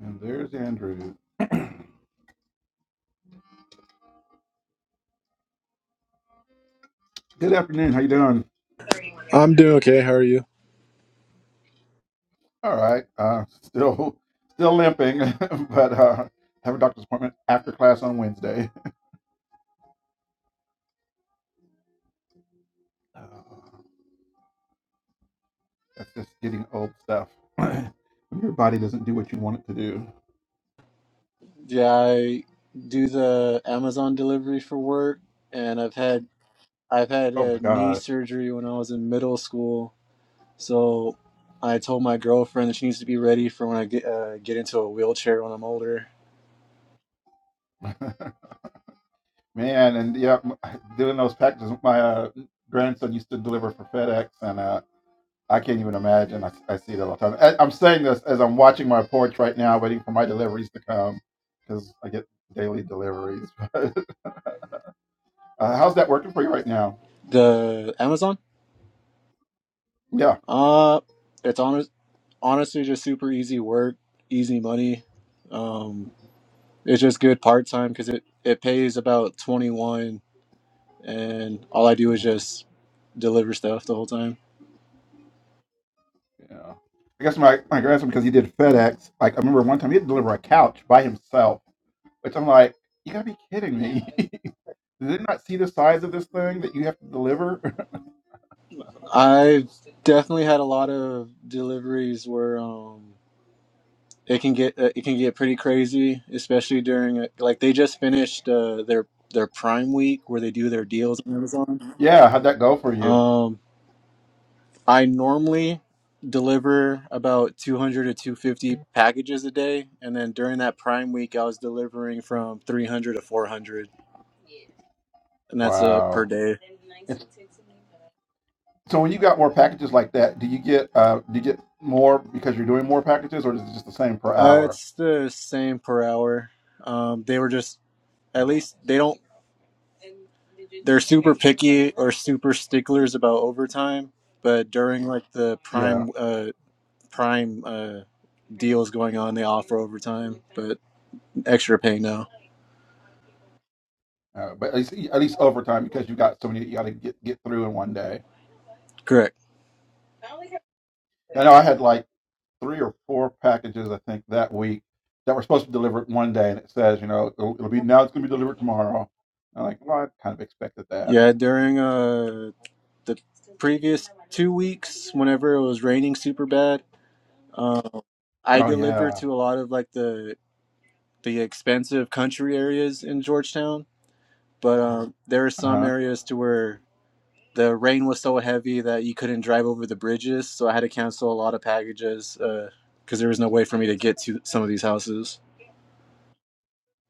And there's Andrew. Good afternoon. How you doing? I'm doing okay. How are you? All right. Uh, still, still limping, but uh, have a doctor's appointment after class on Wednesday. Uh, that's just getting old stuff. when your body doesn't do what you want it to do. Yeah, I do the Amazon delivery for work, and I've had I've had Oh my a knee gosh, surgery when I was in middle school. So I told my girlfriend that she needs to be ready for when I get uh, get into a wheelchair when I'm older. man! And yeah, m- doing those packages. My uh, grandson used to deliver for FedEx, and uh, I can't even imagine. I, I see that all the time. I, I'm saying this as I'm watching my porch right now, waiting for my deliveries to come because I get daily deliveries. uh, how's that working for you right now? The Amazon, Yeah. uh, it's honest, honestly just super easy work, easy money. Um, it's just good part time because it it pays about twenty one, and all I do is hmm just deliver stuff the whole time. Yeah. I guess my, my grandson, because he did FedEx, like I remember one time he had to deliver a couch by himself, which I'm like, you gotta be kidding me. Did they not see the size of this thing that you have to deliver? I've definitely had a lot of deliveries where um it can get uh, it can get pretty crazy, especially during uh, like they just finished uh, their their Prime week where they do their deals on Amazon. yeah. How'd that go for you? Um, I normally deliver about 200 to 250 packages a day, and then during that Prime week, I was delivering from 300 to 400, and that's uh, per Wow. day. It's So when you got more packages like that, do you get uh do you get more because you're doing more packages, or is it just the same per Uh, hour? it's the same per hour. Um, they were just At Uh, least they don't. They're super picky or super sticklers about overtime, but during like the yeah, prime uh, prime uh, deals going on, they offer overtime, but extra pay now. uh, but at least at least overtime because you got so many that you got to get get through in one day. Correct. I know I had like three or four packages I think that week that were supposed to deliver it one day, and it says you know it'll, it'll be now it's going to be delivered tomorrow. I'm like, well, I kind of expected that. Yeah, during uh, the previous two weeks, whenever it was raining super bad, um, I Oh delivered yeah, to a lot of like the the expensive country areas in Georgetown, but um, there are uh some huh, areas to where the rain was so heavy that you couldn't drive over the bridges, so I had to cancel a lot of packages because uh, there was no way for me to get to some of these houses.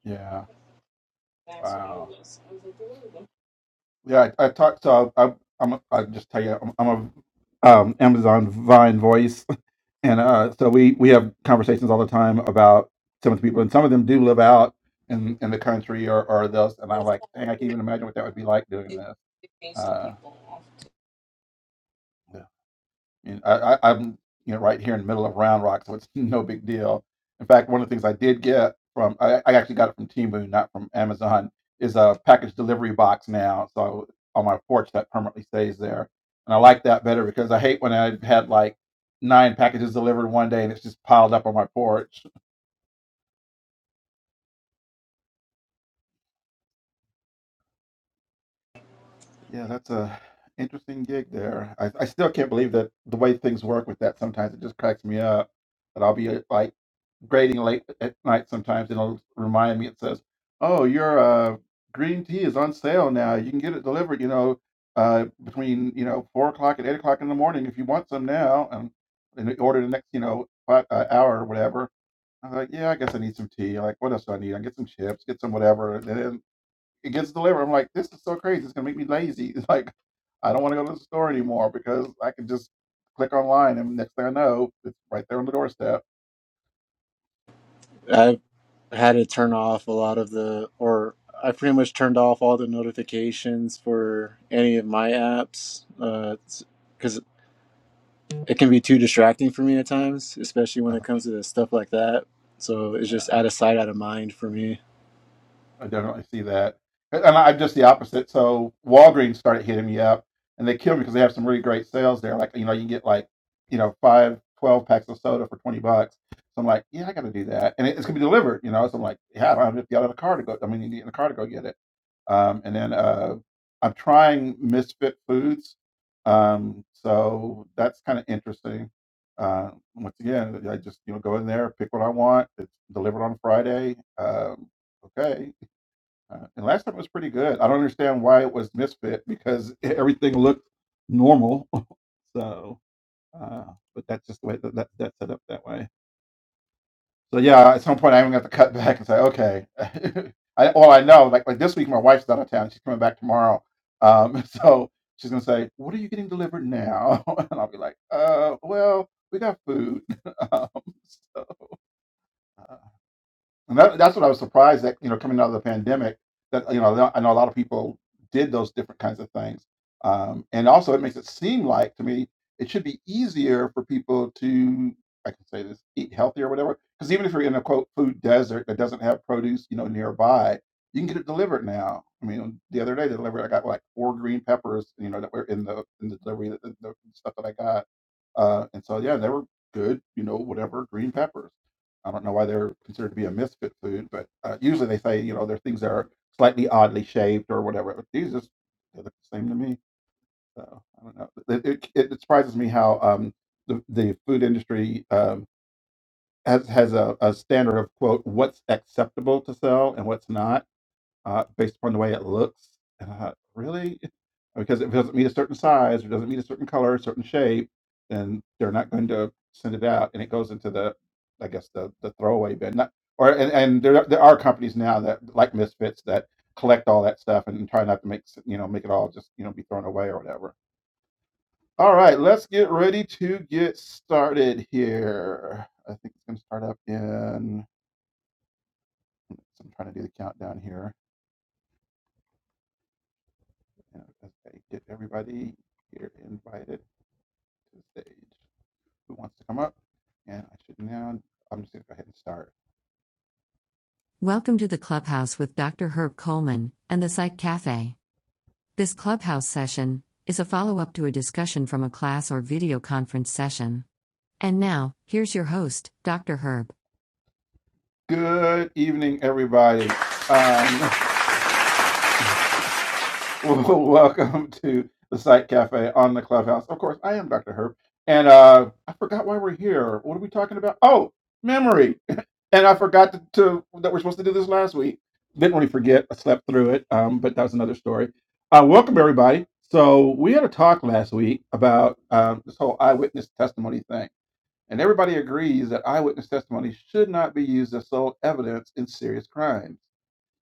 yeah, wow, yeah. I, I talked so I, I'm. I am a- I'll just tell you I'm, I'm a um, Amazon Vine voice and uh, so we we have conversations all the time about some of the people, and some of them do live out in in the country or or thus. And I'm like, dang, I can't even imagine what that would be like doing this. Uh, yeah. and I, I, I'm you know right here in the middle of Round Rock, so it's no big deal. In fact, one of the things I did get from I, I actually got it from Timu, not from Amazon, is a package delivery box now. So on my porch, that permanently stays there, and I like that better because I hate when I've had like nine packages delivered one day and it's just piled up on my porch. Yeah, that's a interesting gig there. I, I still can't believe that the way things work with that sometimes it just cracks me up. That I'll be uh, like grading late at night sometimes and it'll remind me it says, "Oh, your uh, green tea is on sale now. You can get it delivered, you know, uh, between you know four o'clock and eight o'clock in the morning if you want some now." And and order the next you know five, uh, hour or whatever. I'm like, "Yeah, I guess I need some tea. Like, what else do I need? I get some chips, get some whatever." And then it gets delivered. I'm like, this is so crazy. It's gonna make me lazy. It's like, I don't want to go to the store anymore because I can just click online and next thing I know, it's right there on the doorstep. I had to turn off a lot of the, or I pretty much turned off all the notifications for any of my apps because uh, it can be too distracting for me at times, especially Uh, when it comes to stuff like that. So it's just yeah, out of sight, out of mind for me. I definitely see that. And and I'm just the opposite. So Walgreens started hitting me up and they killed me because they have some really great sales there. Like, you know, you can get like, you know, five, twelve packs of soda for 20 bucks. So I'm like, yeah, I got to do that. And it- it's going to be delivered, you know? So I'm like, yeah, I don't have to get out of the car to go. I mean, you get in the car to go get it. Um, and then uh, I'm trying Misfit Foods. Um, so that's kind of interesting. Uh, once again, I just you know go in there, pick what I want. It's delivered on Friday. Um, okay. Uh, and last time was pretty good. I don't understand why it was Misfit because everything looked normal. so, uh, but that's just the way that, that that's set up that way. So yeah, at some point i even got to to cut back and say, okay. I, all I know, like like this week, my wife's out of town. She's coming back tomorrow. Um, so she's gonna say, "What are you getting delivered now?" and I'll be like, "Uh, well, we got food." um, so, uh, and that, that's what I was surprised that, you know, coming out of the pandemic, that, you know, I know a lot of people did those different kinds of things. Um, and also, it makes it seem like to me it should be easier for people to, I can say this, eat healthier or whatever. Because even if you're in a quote food desert that doesn't have produce, you know, nearby, you can get it delivered now. I mean, the other day, they delivered, I got like four green peppers, you know, that were in the in the delivery, the, the stuff that I got. Uh, and so, yeah, they were good, you know, whatever green peppers. I don't know why they're considered to be a misfit food, but uh, usually they say, you know, they're things that are slightly oddly shaped or whatever. But these just they look the same to me. So I don't know. It, it, it surprises me how um, the, the food industry um, has, has a, a standard of, quote, what's acceptable to sell and what's not uh, based upon the way it looks. And I thought, really? Because if it doesn't meet a certain size or doesn't meet a certain color, certain shape, then they're not going to send it out, and it goes into the, I guess the the throwaway bin. Not, or and, and there are- there are companies now that like Misfits that collect all that stuff and try not to make s- you know make it all just you know be thrown away or whatever. All right, let's get ready to get started here. I think it's going to start up in. I'm trying to do the countdown here. And, Okay, get everybody here invited to the stage who wants to come up. And I should now, I'm just gonna go ahead and start. Welcome to the clubhouse with Dr. Herb Coleman and the Psych Cafe. This clubhouse session is a follow up to a discussion from a class or video conference session. And now, here's your host, Dr. Herb. Good evening, everybody. Um, Well, Welcome to the Site Cafe on the Clubhouse. Of course, I am Dr. Herb, and uh, I forgot why we're here. What are we talking about? Oh, memory. And I forgot to, to that we're supposed to do this last week. Didn't really forget. I slept through it, um, but that's another story. Uh, welcome everybody. So we had a talk last week about um, this whole eyewitness testimony thing, and everybody agrees that eyewitness testimony should not be used as sole evidence in serious crimes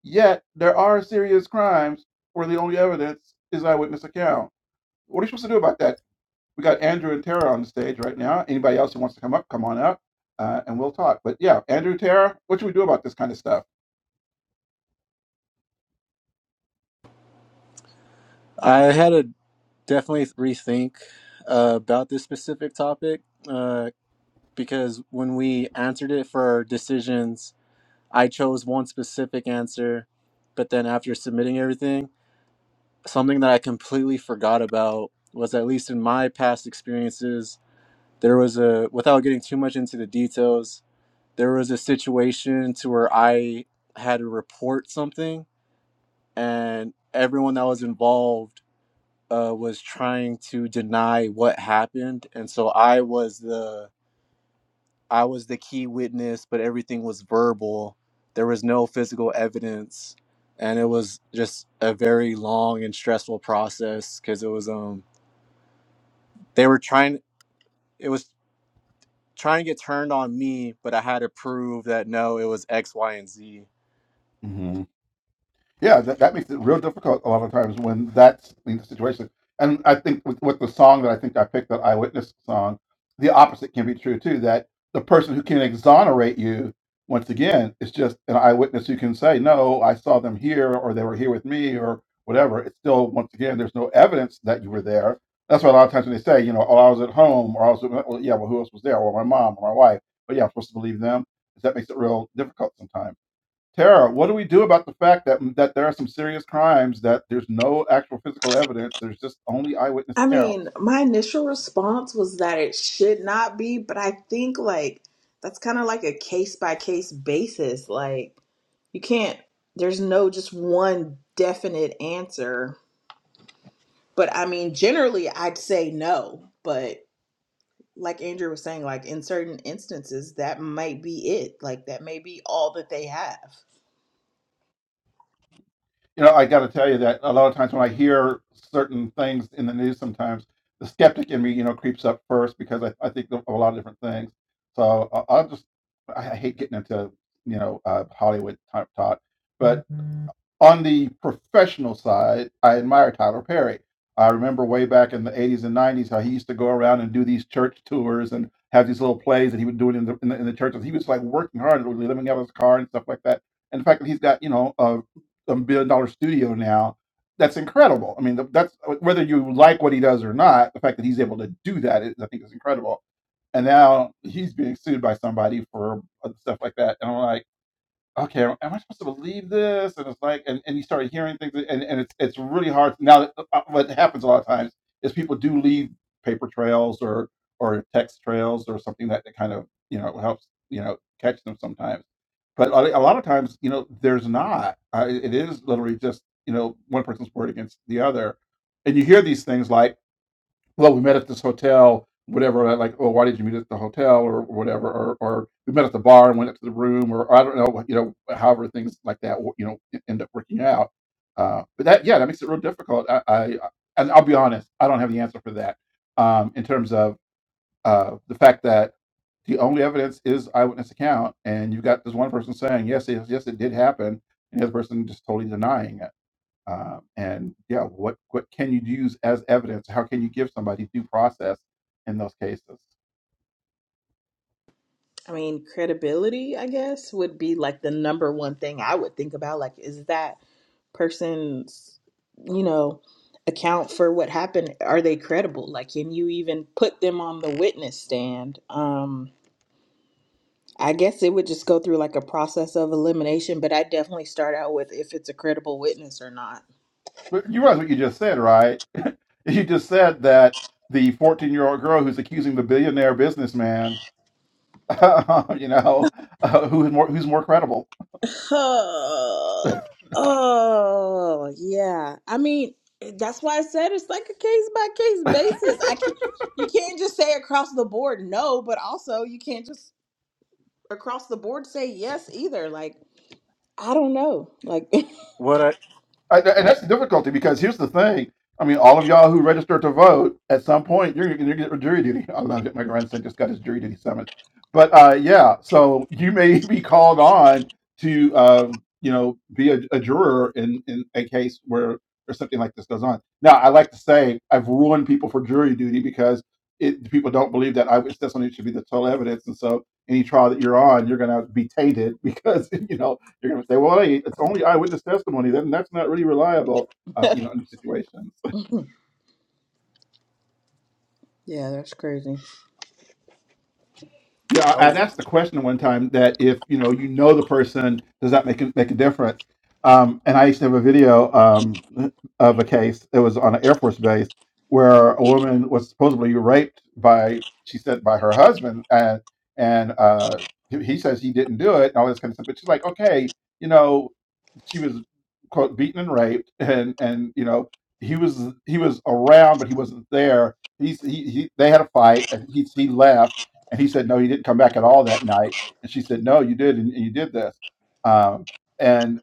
Yet there are serious crimes where the only evidence is eyewitness account. What are you supposed to do about that? We got Andrew and Tara on the stage right now. Anybody else who wants to come up, come on up, uh, and we'll talk. But yeah, Andrew, Tara, what should we do about this kind of stuff? I had to definitely rethink uh, about this specific topic uh, because when we answered it for decisions, I chose one specific answer, but then after submitting everything. something that I completely forgot about was at least in my past experiences, there was a without getting too much into the details, there was a situation to where I had to report something and everyone that was involved uh, was trying to deny what happened and so I was the I was the key witness but everything was verbal. There was no physical evidence and it was just a very long and stressful process because it was um they were trying it was trying to get turned on me but i had to prove that no it was x y and z Mm-hmm. Yeah, that, that makes it real difficult a lot of times when that's the situation. And I think with, with the song that I think I picked, that eyewitness song, the opposite can be true too. That the person who can exonerate you, once again, is just an eyewitness who can say, "No, I saw them here, or they were here with me, or whatever." It's still, once again, there's no evidence that you were there. That's why a lot of times when they say, you know, "Oh, I was at home," or "I was," well, yeah, well, who else was there? Or my mom, or my wife. But yeah, I'm supposed to believe them. That makes it real difficult sometimes. Tara, what do we do about the fact that mm, that there are some serious crimes that there's no actual physical evidence? There's just only eyewitness I mean, accounts. my initial response was that it should not be, but I think like that's kind of like a case by case basis. Like you can't there's no just one definite answer. But I mean, generally I'd say no, but like Andrew was saying like in certain instances that might be it. Like that may be all that they have. You know, I got to tell you that a lot of times when I hear certain things in the news, sometimes the skeptic in me, you know, creeps up first because I, I think of a lot of different things. So I- I'll just I I hate getting into you know uh, Hollywood type talk, but on the professional side, I admire Tyler Perry. I remember way back in the 80s and 90s how he used to go around and do these church tours and have these little plays that he would do it in the, in the, in the churches. He was like working hard, literally living out of his car and stuff like that. And the fact that he's got, you know, a, a billion dollar studio now, that's incredible. I mean, th- that's whether you like what he does or not, the fact that he's able to do that, is, I think, is incredible. And now he's being sued by somebody for uh, stuff like that. And I'm like, okay, am I supposed to believe this? And it's like, and, and you start hearing things, and, and it's it's really hard. Now, uh, uh, what happens a lot of times is people do leave paper trails or or text trails or something that, that kind of you know helps you know catch them sometimes. But a a lot of times, you know, there's not. Uh, it it is literally just you know one person's word against the other, and you hear these things like well, we met at this hotel, whatever. uh, Like, oh, why did you meet at the hotel or whatever? Or, or we met at the bar and went up to the room, or I don't know, you know, however things like that, wo- you know, e- end up working out. Uh, but that, yeah, that makes it real difficult. I, I, and I'll be honest, I don't have the answer for that. Um, in terms of uh, the fact that the only evidence is eyewitness account, and you've got this one person saying yes, yes, yes, it did happen, and the other person just totally denying it uh, and yeah, what what can you use as evidence? How can you give somebody due process in those cases? I mean, credibility, I guess, would be like the number one thing I would think about. Like, is that person's, you know, account for what happened, are they credible? Like, can you even put them on the witness stand? Um, I guess it would just go through like a process of elimination, but I definitely start out with if it's a credible witness or not. But you realize what you just said, right? You just said that the 14 year old girl who's accusing the billionaire businessman, you know, uh, who is more who's more credible Oh, oh, yeah. I mean, that's why I said it's like a case by case basis. I can't, you can't just say across the board no, but also you can't just across the board say yes either. Like. I don't know. Like, what i I, and that's the difficulty because here's the thing. I mean, all of y'all who register to vote, at some point you're going to get jury duty. I love it. My grandson just got his jury duty summons. But uh, yeah, so you may be called on to, um, you know, be a, a juror in, in a case where or something like this goes on. Now, I like to say I've ruined people for jury duty because it, people don't believe that eyewitness testimony should be the total evidence, and so any trial that you're on, you're going to be tainted because you know you're going to say, well, hey, it's only eyewitness testimony. Then that's not really reliable, uh, yeah, you know, in these situations. that's crazy. Yeah, I- I'd asked the question one time that if you know you know the person, does that make a, make a difference? Um, and I used to have a video um, of a case. It was on an Air Force base where a woman was supposedly raped by she said by her husband, and and uh, he he says he didn't do it and all this kind of stuff. But she's like, okay, you know, she was quote beaten and raped, and and you know he was he was around, but he wasn't there. He's, he, he they had a fight, and he he left and he said, no, he didn't come back at all that night. And she said, no, you did, and, and you did this. Um, and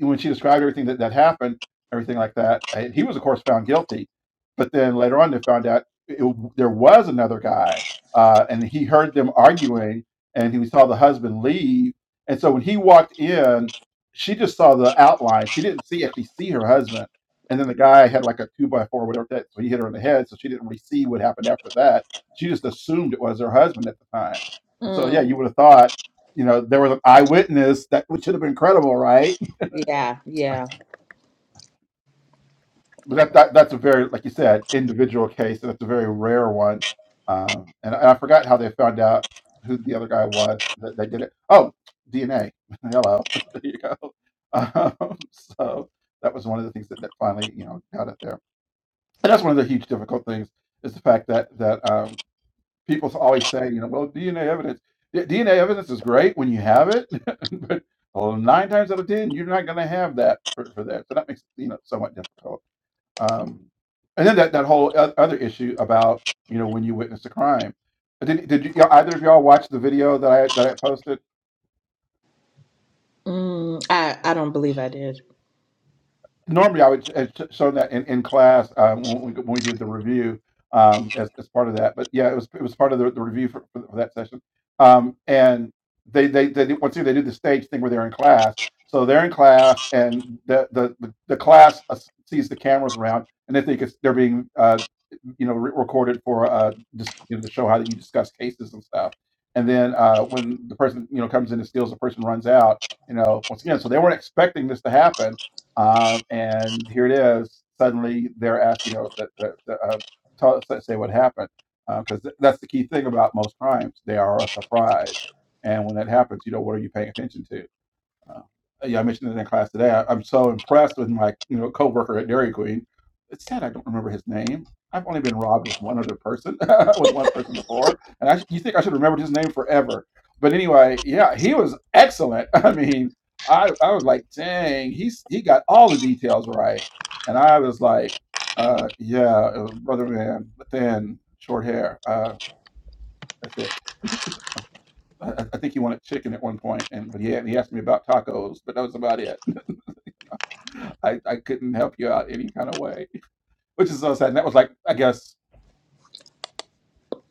when she described everything that, that happened, everything like that, and he was, of course, found guilty. But then later on, they found out it, there was another guy, uh, and he heard them arguing, and he saw the husband leave. And so when he walked in, she just saw the outline. She didn't see actually see her husband. And then the guy had like a two by four, whatever that. So he hit her in the head, so she didn't really see what happened after that she just assumed it was her husband at the time. And so, Mm, yeah, you would have thought, you know, there was an eyewitness that which should have been credible, right? yeah, yeah. But that, that that's a very, like you said, individual case, and that's a very rare one. Um, and, I- I forgot how they found out who the other guy was that, that did it. Oh, DNA. Hello, there you go. Um, so that was one of the things that, that finally, you know, got it there. And that's one of the huge difficult things is the fact that that um, people always say, you know, well, DNA evidence. Yeah, DNA evidence is great when you have it, but well, nine times out of ten, you're not going to have that for, for that. So that makes it, you know somewhat difficult. Um, and then that that whole oth- other issue about you know when you witness a crime. Did did you, either of y'all watch the video that I that I posted? Mm, I I don't believe I did. normally I would have sh- shown that in, in class um, when, we, when we did the review um, as, as part of that. But yeah, it was it was part of the, the review for, for, that session. Um, and they they they did, once again, they did the stage thing where they're in class. So they're in class, and the the the, the class uh, sees the cameras around, and they think it's they're being uh, you know re- recorded for uh dis- you know, to show how that you discuss cases and stuff. And then uh, when the person you know comes in and steals, the person runs out. You know, once again, so they weren't expecting this to happen um, and here it is. Suddenly they're asked, you know, that, that, that, uh, tell us, say what happened. Because uh, th- that's the key thing about most crimes. They are a surprise. And when that happens, you know, what are you paying attention to? Uh, yeah, I mentioned it in class today. I, I'm so impressed with my you know coworker at Dairy Queen. It's sad I don't remember his name. I've only been robbed with one other person, with one person before, and I, sh- you think I should remember his name forever. But anyway, yeah, he was excellent. I mean, I, I was like, dang, he's he got all the details right, and I was like, uh, yeah, it was brother man, thin, short hair. Uh, that's it. I, I I think he wanted chicken at one point, and but he, he asked me about tacos, but that was about it I, I couldn't help you out any kind of way, which is so sad. And that was like, I guess,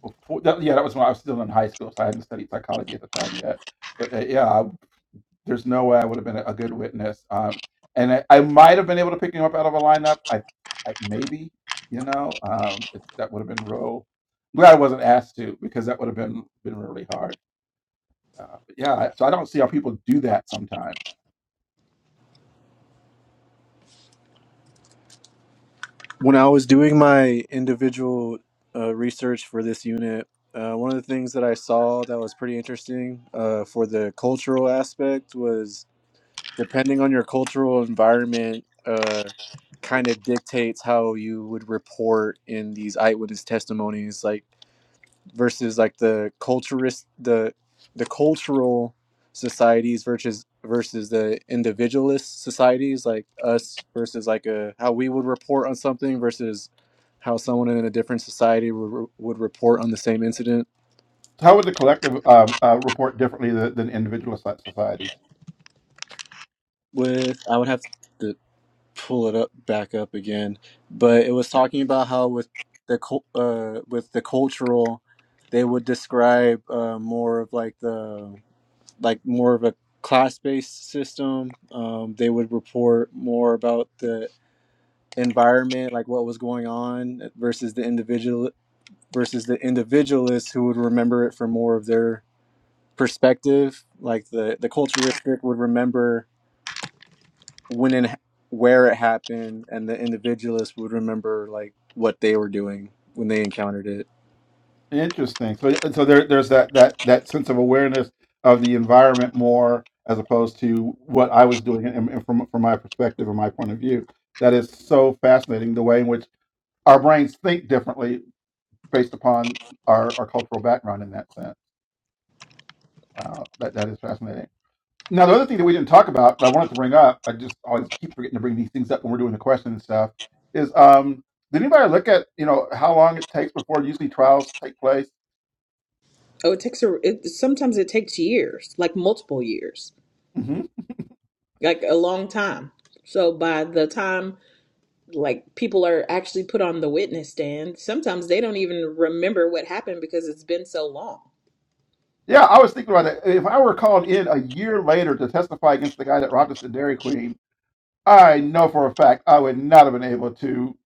before, that, yeah, that was when I was still in high school, so I hadn't studied psychology at the time yet. But uh, yeah, I, there's no way I would have been a, a good witness. Um, and I, I might have been able to pick him up out of a lineup. I, I maybe, you know, um, it, that would have been real. I'm glad I wasn't asked to because that would have been been really hard. Uh, but yeah, I- so I don't see how people do that sometimes. when i was doing my individual uh, research for this unit uh, one of the things that i saw that was pretty interesting uh, for the cultural aspect was depending on your cultural environment uh, kind of dictates how you would report in these eyewitness testimonies like versus like the culturist the the cultural societies versus versus the individualist societies like us versus like a how we would report on something versus how someone in a different society would, would report on the same incident How would the collective um, uh, report differently than, than individual so- societies? with i would have to pull it up back up again but it was talking about how with the cul- uh with the cultural they would describe uh more of like the like more of a class-based system. Um, they would report more about the environment, like what was going on, versus the individual versus the individualists who would remember it from more of their perspective. Like the the culturistic would remember when and where it happened, and the individualist would remember like what they were doing when they encountered it. Interesting. So, uh, so there, there's that that that sense of awareness of the environment more as opposed to what I was doing, and, and from from my perspective and my point of view, that is so fascinating. The way in which our brains think differently based upon our, our cultural background in that sense. Wow, that, that is fascinating. Now, the other thing that we didn't talk about that I wanted to bring up, I just always keep forgetting to bring these things up when we're doing the question and stuff, is um, did anybody look at you know how long it takes before usually trials take place? Oh, it takes a. It, sometimes it takes years, like multiple years, hmm like a long time. So by the time like people are actually put on the witness stand, sometimes they don't even remember what happened because it's been so long. Yeah, I was thinking about that. If I were called in a year later to testify against the guy that robbed us at Dairy Queen, I know for a fact I would not have been able to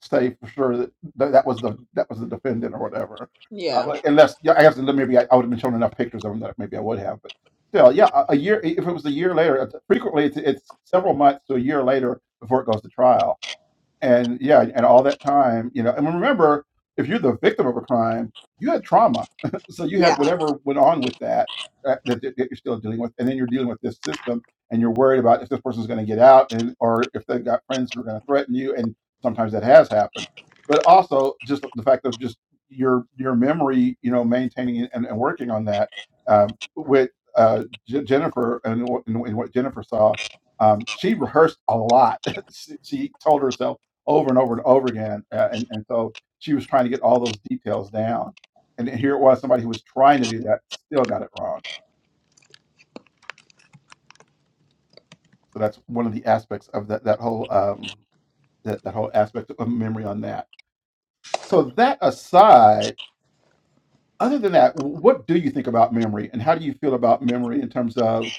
say for sure that that, that was the that was the defendant or whatever, uh, Yeah. like, unless yeah, I guess then maybe I, I would have been shown enough pictures of him that maybe I would have. But still, yeah, a, a year if it was a year later, it's- frequently it's, it's several months to a year later before it goes to trial and yeah, and all that time, you know, and remember, if you're the victim of a crime, you had trauma, so you Yeah. had whatever went on with that uh, that, that, that you're still dealing with, and then you're dealing with this system, and you're worried about if this person's going to get out, and or if they've got friends who are going to threaten you, and sometimes that has happened, but also just the fact of just your your memory, you know, maintaining and, and working on that um, with uh, J- Jennifer and, what- and what Jennifer saw. Um, she rehearsed a lot. she she told herself over and over and over again. Uh, and, and so she was trying to get all those details down. And here it was, somebody who was trying to do that still got it wrong. So that's one of the aspects of that, that whole um, that, that whole aspect of memory on that. So that aside, other than that, what do you think about memory and how do you feel about memory in terms of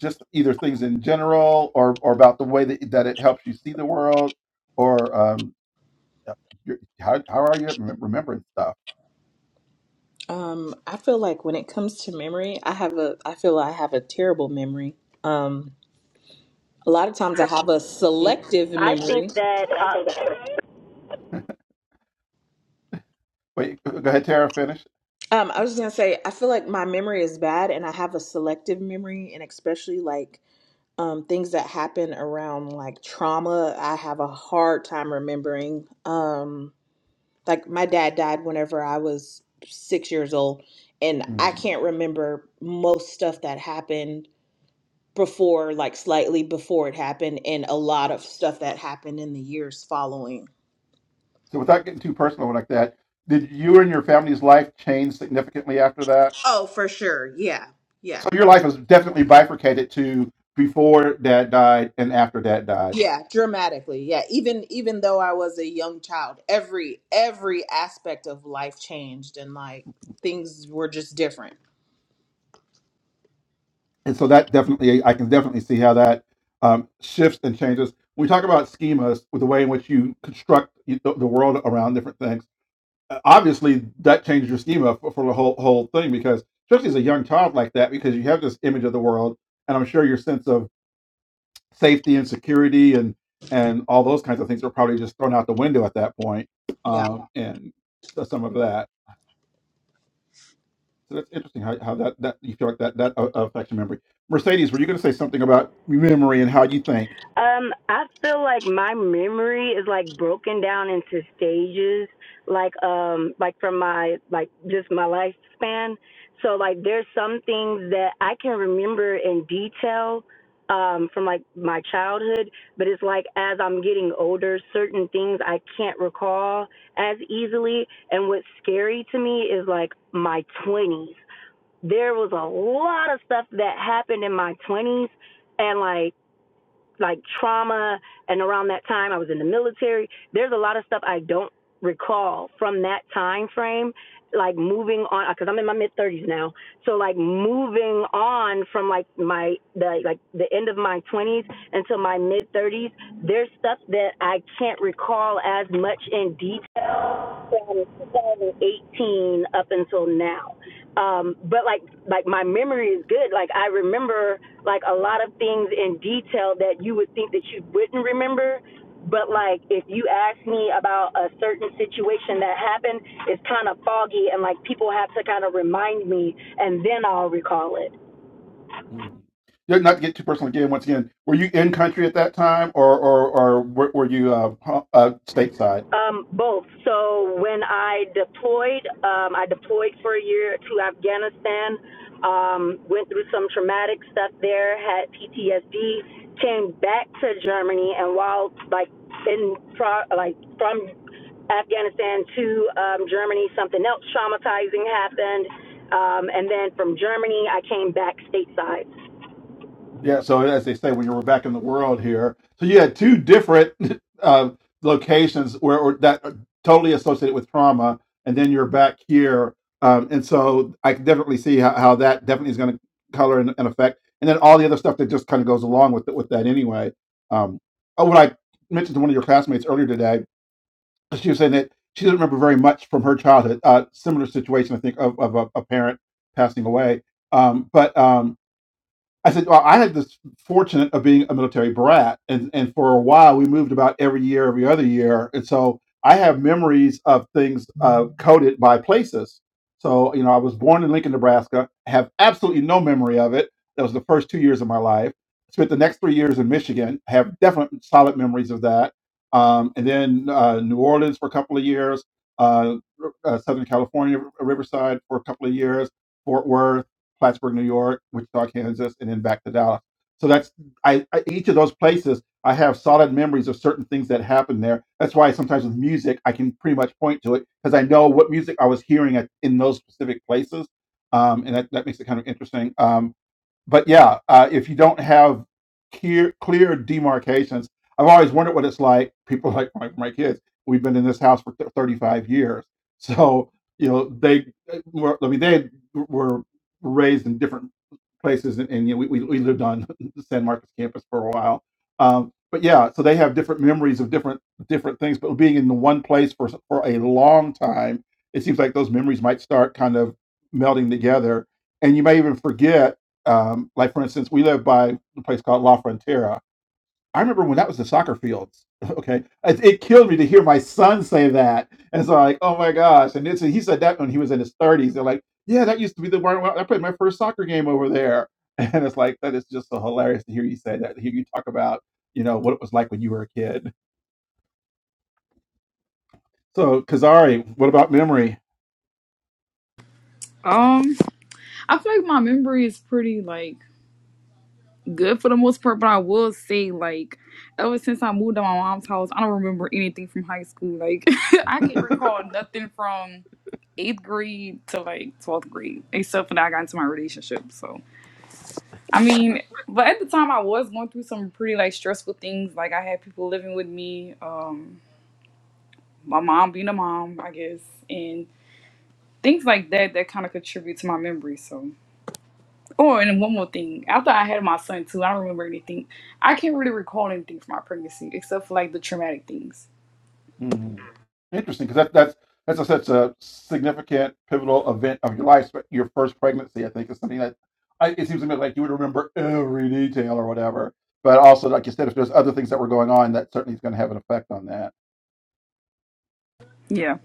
just either things in general or, or about the way that, that it helps you see the world or. um, You're, how how are you at remem- remembering stuff? Um, I feel like when it comes to memory, I have a. I feel I have a terrible memory. Um, A lot of times I have a selective I think memory. that uh, Wait, go go ahead, Tara. Finish. Um, I was just gonna say, I feel like my memory is bad and I have a selective memory, and especially like um, things that happen around like trauma, I have a hard time remembering. Um, like my dad died whenever I was six years old, and I Mm. can't remember most stuff that happened before, like slightly before it happened, and a lot of stuff that happened in the years following. So, without getting too personal like that, did you and your family's life change significantly after that? Oh, for sure. Yeah. Yeah. So, your life was definitely bifurcated to before Dad died and after Dad died. Yeah, dramatically. Yeah, even even though I was a young child, every every aspect of life changed and like things were just different. and so that definitely i can definitely see how that um, shifts and changes when we talk about schemas with the way in which you construct the, the world around different things uh, obviously that changes your schema for, for the whole whole thing because especially as a young child like that because you have this image of the world and i'm sure your sense of safety and security and and all those kinds of things are probably just thrown out the window at that point Yeah. um, and so some of that So that's interesting how, how that, that you feel like that that uh, affects your memory. Mercedes, were you going to say something about memory and how you think? um I feel like my memory is like broken down into stages like um like from my like just my lifespan. So like there's some things that I can remember in detail um from like my childhood, but it's like as I'm getting older, certain things I can't recall as easily and what's scary to me is like my 20s there was a lot of stuff that happened in my 20s and like like trauma and around that time I was in the military there's a lot of stuff I don't recall from that time frame like moving on cuz I'm in my mid 30s now so like moving on from like my the like the end of my 20s until my mid 30s there's stuff that I can't recall as much in detail 2018 up until now. Um, but like like my memory is good. Like I remember like a lot of things in detail that you would think that you wouldn't remember. But like if you ask me about a certain situation that happened, it's kind of foggy and like people have to kind of remind me and then I'll recall it. Mhm. Yeah, Not to get too personal again. Once again, were you in country at that time, or or or were, were you uh, ho- uh, stateside? Um, both. So when I deployed, um, I deployed for a year to Afghanistan. Um, went through some traumatic stuff there. Had PTSD. Came back to Germany, and while like in pro- like from Afghanistan to um, Germany, something else traumatizing happened. Um, and then from Germany, I came back stateside. Yeah, so as they say, when you were back in the world here, so you had two different uh, locations where or that are totally associated with trauma, and then you're back here, um, and so I can definitely see how, how that definitely is going to color and, and affect, and then all the other stuff that just kind of goes along with it, with that anyway. Um, oh, what I mentioned to one of your classmates earlier today, she was saying that she doesn't remember very much from her childhood. Uh, similar situation, I think, of, of a, a parent passing away, um, but. Um, I said, well, I had this fortunate of being a military brat, and and for a while we moved about every year, every other year, and so I have memories of things uh, coded by places. So you know, I was born in Lincoln, Nebraska. Have absolutely no memory of it. That was the first two years of my life. Spent the next three years in Michigan. Have definite solid memories of that. Um, and then uh, New Orleans for a couple of years, uh, uh, Southern California, Riverside for a couple of years, Fort Worth. Plattsburgh, New York, Wichita, Kansas, and then back to Dallas. So that's I, I each of those places I have solid memories of certain things that happened there. That's why sometimes with music I can pretty much point to it because I know what music I was hearing at, in those specific places, um, and that, that makes it kind of interesting. Um, but yeah, uh, if you don't have clear, clear demarcations, I've always wondered what it's like. People like my, my kids, we've been in this house for th- 35 years. So, you know, they uh, were, I mean, they were raised in different places and, and you know, we, we we lived on the San Marcos campus for a while. Um, but yeah, so they have different memories of different, different things, but being in the one place for, s- for a long time, it seems like those memories might start kind of melding together and you may even forget um, like for instance, we live by a place called La Frontera. I remember when that was the soccer fields. Okay, it, it killed me to hear my son say that, and so like, oh my gosh! And it's, he said that when he was in his thirties. They're like, yeah, that used to be the where I played my first soccer game over there, and it's like that is just so hilarious to hear you say that. To hear you talk about you know what it was like when you were a kid. So, Kazari, what about memory? Um, I feel like my memory is pretty like good for the most part, but I will say like ever since I moved to my mom's house, I don't remember anything from high school. Like I can't recall nothing from eighth grade to like twelfth grade, except for that I got into my relationship. So I mean, but at the time I was going through some pretty like stressful things. Like I had people living with me, um, my mom being a mom, I guess, and things like that that kind of contribute to my memory. So. Oh, and one more thing. After I had my son too, I don't remember anything. I can't really recall anything from my pregnancy except for like the traumatic things. Mhm. Interesting, because that, that's that's a, such a significant pivotal event of your life. sp- Your first pregnancy, I think, is something that I, it seems to me like you would remember every detail or whatever. But also, like you said, if there's other things that were going on, that certainly is going to have an effect on that. Yeah.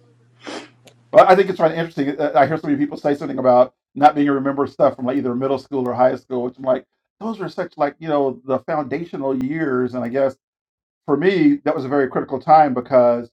Well, I think it's kind of interesting. uh, I hear so many people say something about not being able to remember stuff from like either middle school or high school, which I'm like, those are such like you know the foundational years, and I guess for me that was a very critical time because.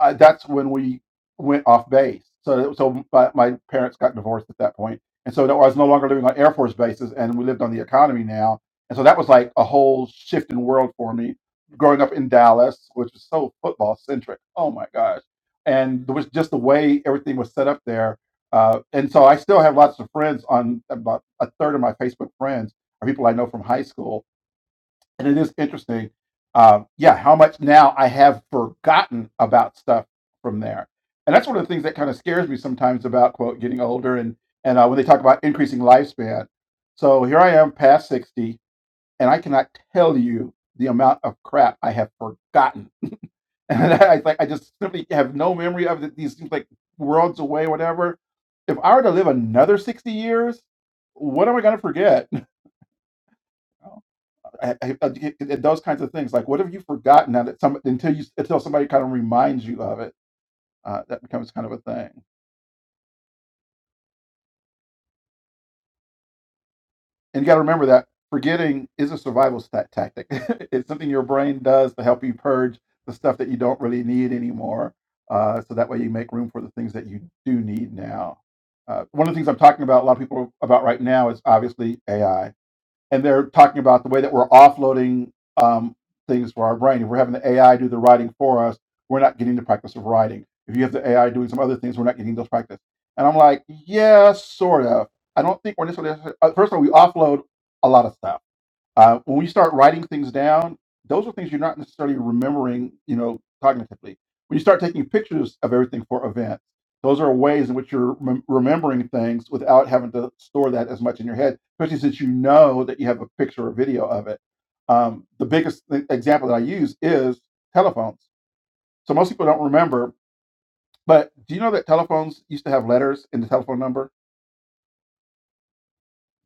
I, that's when we went off base. So, so my, my parents got divorced at that point, and so no, I was no longer living on Air Force bases, and we lived on the economy now. And so that was like a whole shift in world for me. Growing up in Dallas, which was so football centric, oh my gosh, and there was just the way everything was set up there. Uh, and so I still have lots of friends on about a third of my Facebook friends are people I know from high school and it is interesting. Um, yeah, how much now I have forgotten about stuff from there, and that's one of the things that kind of scares me sometimes about quote getting older and and uh, when they talk about increasing lifespan. So here I am, past sixty, and I cannot tell you the amount of crap I have forgotten, and I like I just simply have no memory of it. These seems like worlds away, whatever. If I were to live another sixty years, what am I going to forget? I, I, I- it- those kinds of things like what have you forgotten now that some until you until somebody kind of reminds you of it uh, that becomes kind of a thing and you got to remember that forgetting is a survival stat- tactic it's something your brain does to help you purge the stuff that you don't really need anymore uh, so that way you make room for the things that you do need now uh, one of the things i'm talking about a lot of people about right now is obviously ai and they're talking about the way that we're offloading um, things for our brain. If we're having the AI do the writing for us, we're not getting the practice of writing. If you have the AI doing some other things, we're not getting those practice. And I'm like, yeah, sort of. I don't think we're necessarily. uh, First of all, we offload a lot of stuff uh, when we start writing things down, those are things you're not necessarily remembering, you know, cognitively. When you start taking pictures of everything for events, those are ways in which you're rem- remembering things without having to store that as much in your head, especially since you know that you have a picture or video of it. Um, the biggest e- example that I use is telephones. So most people don't remember, but do you know that telephones used to have letters in the telephone number?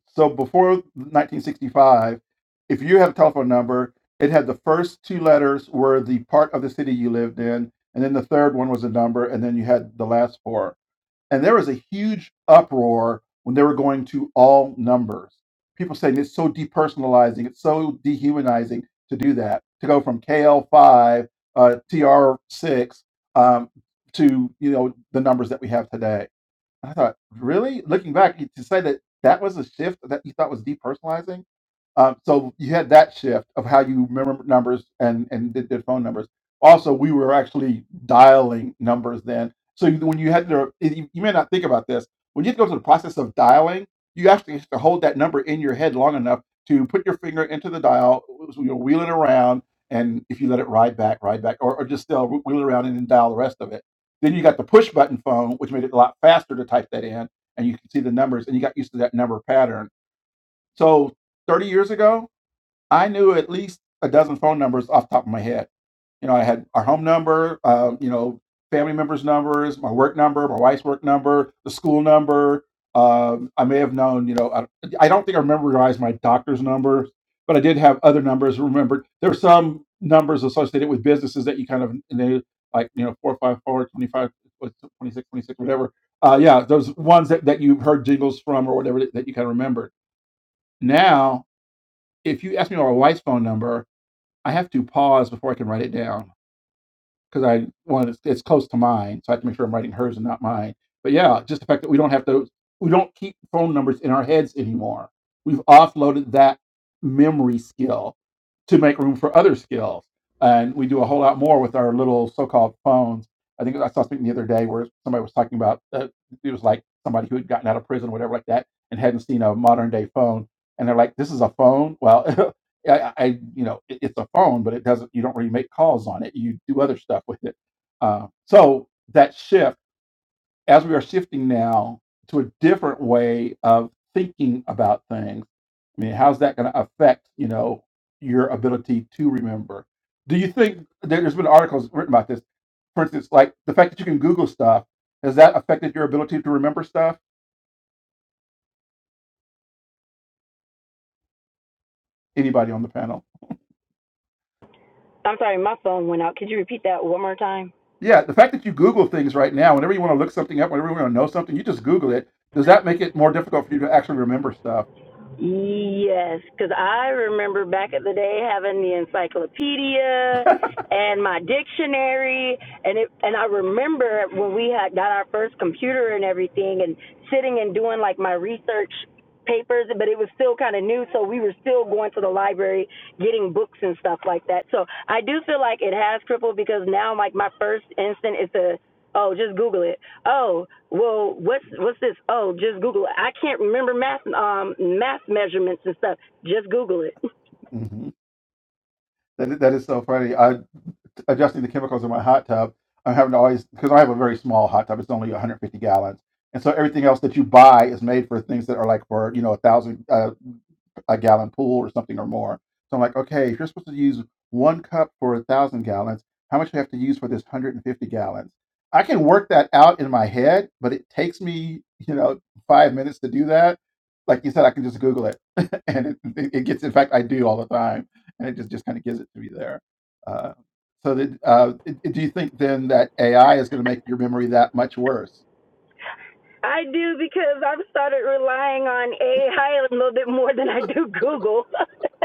So before 1965, if you had a telephone number, it had the first two letters were the part of the city you lived in, and then the third one was a number, and then you had the last four. And there was a huge uproar when they were going to all numbers. People saying it's so depersonalizing, it's so dehumanizing to do that, to go from KL5, uh, TR6 um, to you know the numbers that we have today I thought, "Really?" Looking back, you to say that that was a shift that you thought was depersonalizing? Um, so you had that shift of how you remember numbers and and did, did phone numbers. Also, we were actually dialing numbers then. So you- when you had to, you, you may not think about this. When you had to go through the process of dialing, you actually have to hold that number in your head long enough to put your finger into the dial, so you know, wheel it around, and if you let it ride back, ride back, or, or just still wheel it around and then dial the rest of it. Then you got the push button phone, which made it a lot faster to type that in, and you could see the numbers, and you got used to that number pattern. So 30 years ago, I knew at least a dozen phone numbers off the top of my head. You know, I had our home number, uh, you know, family members' numbers, my work number, my wife's work number, the school number. Um, I may have known, you know, I, I don't think I memorized my doctor's number, but I did have other numbers remembered. There were some numbers associated with businesses that you kind of knew, like, you know, 454, 25, what's whatever. Uh, yeah, those ones that, that you heard jingles from or whatever that that you kind of remembered. Now, if you ask me my wife's phone number, I have to pause before I can write it down because I want it's, it's close to mine, so I have to make sure I'm writing hers and not mine. But yeah, just the fact that we don't have to, we don't keep phone numbers in our heads anymore. We've offloaded that memory skill to make room for other skills, and we do a whole lot more with our little so-called phones. I think I saw something the other day where somebody was talking about uh, it was like somebody who had gotten out of prison, or whatever, like that, and hadn't seen a modern day phone, and they're like, "This is a phone." Well, I, I you know, it, it's a phone, but it doesn't. You don't really make calls on it. You do other stuff with it. Uh, so that shift, as we are shifting now to a different way of thinking about things, I mean, how's that going to affect you know your ability to remember? Do you think there- there's been articles written about this? For instance, like the fact that you can Google stuff has that affected your ability to remember stuff? Anybody on the panel? I'm sorry, my phone went out. Could you repeat that one more time? Yeah, the fact that you Google things right now, whenever you want to look something up, whenever you want to know something, you just Google it. Does that make it more difficult for you to actually remember stuff? Yes, because I remember back in the day having the encyclopedia and my dictionary, and it, and I remember when we had got our first computer and everything, and sitting and doing like my research papers, but it was still kind of new, so we were still going to the library getting books and stuff like that. So I do feel like it has crippled because now like my first instinct is to oh just Google it Oh, well, what's what's this? Oh, just Google it. I can't remember math um math measurements and stuff. Just Google it. Mhm. That, that is so funny. I adjusting the chemicals in my hot tub. I'm having to always because I have a very small hot tub. It's only 150 gallons, and so everything else that you buy is made for things that are like for you know a thousand uh, a gallon pool or something or more. So I'm like, okay, if you're supposed to use one cup for a thousand gallons, how much do I have to use for this 150 gallons? I can work that out in my head, but it takes me you know five minutes to do that. Like you said, I can just Google it, and it, it it gets. In fact, I do all the time and it just, just kind of gives it to you there. Uh, so, that, uh, do you think then that AI is going to make your memory that much worse? I do because I've started relying on AI a little bit more than I do Google.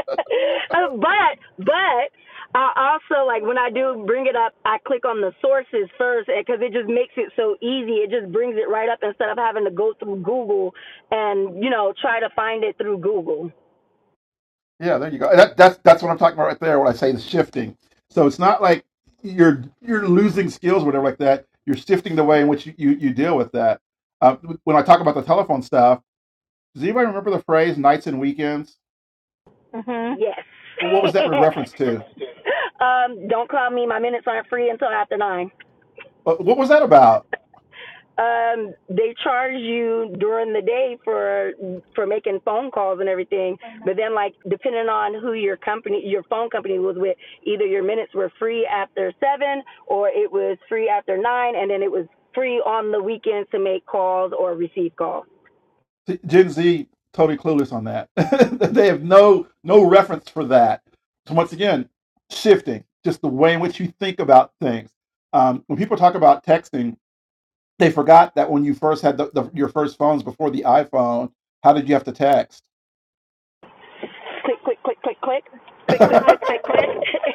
but but I also like when I do bring it up, I click on the sources first because it just makes it so easy. It just brings it right up instead of having to go through Google and you know try to find it through Google. Yeah, there you go. That, that's that's what I'm talking about right there when I say the shifting. So it's not like you're you're losing skills or whatever like that. You're shifting the way in which you, you, you deal with that. Uh, when I talk about the telephone stuff, does anybody remember the phrase "nights and weekends"? Mhm. Yes. Well, what was that in reference to? um, don't call me. My minutes aren't free until after nine. What what was that about? Um, they charge you during the day for for making phone calls and everything, but then like depending on who your company, your phone company was with, either your minutes were free after seven or it was free after nine, and then it was free on the weekends to make calls or receive calls. Gen Z totally clueless on that. they have no no reference for that. So once again, shifting just the way in which you think about things. Um, when people talk about texting, they forgot that when you first had the, the, your first phones before the iPhone, how did you have to text? Click, click, click, click, click, click, click, click, click, click.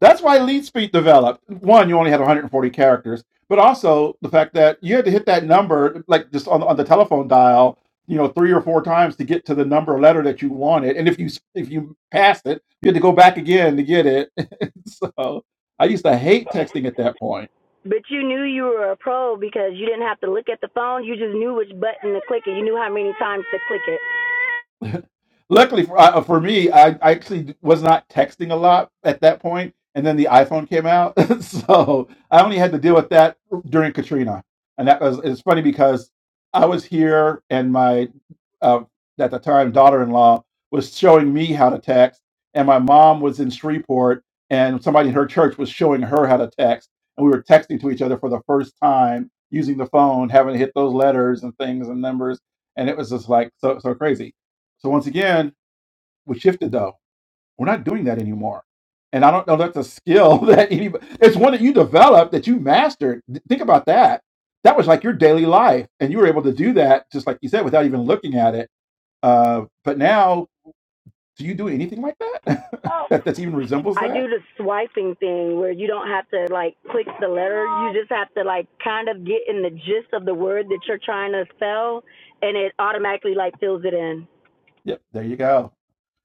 That's why lead speed developed. One, you only had 140 characters, but also the fact that you had to hit that number, like just on, on the telephone dial, you know, three or four times to get to the number or letter that you wanted. And if you if you passed it, you had to go back again to get it. so I used to hate texting at that point. But you knew you were a pro because you didn't have to look at the phone. You just knew which button to click and you knew how many times to click it. Luckily for uh, for me, I, I actually was not texting a lot at that point, and then the iPhone came out, so I only had to deal with that during Katrina, and that was it's funny because I was here, and my uh, at the time daughter-in-law was showing me how to text, and my mom was in Shreveport, and somebody in her church was showing her how to text, and we were texting to each other for the first time using the phone, having to hit those letters and things and numbers, and it was just like so so crazy so once again, we shifted though. We're not doing that anymore. And I don't know that's a skill that anybody it's one that you developed that you mastered. Th- Think about that. That was like your daily life. And you were able to do that, just like you said, without even looking at it. Uh, but now, do you do anything like that? that that's even resembles I do that? the swiping thing where you don't have to like click the letter. You just have to like kind of get in the gist of the word that you're trying to spell and it automatically like fills it in. Yep, there you go.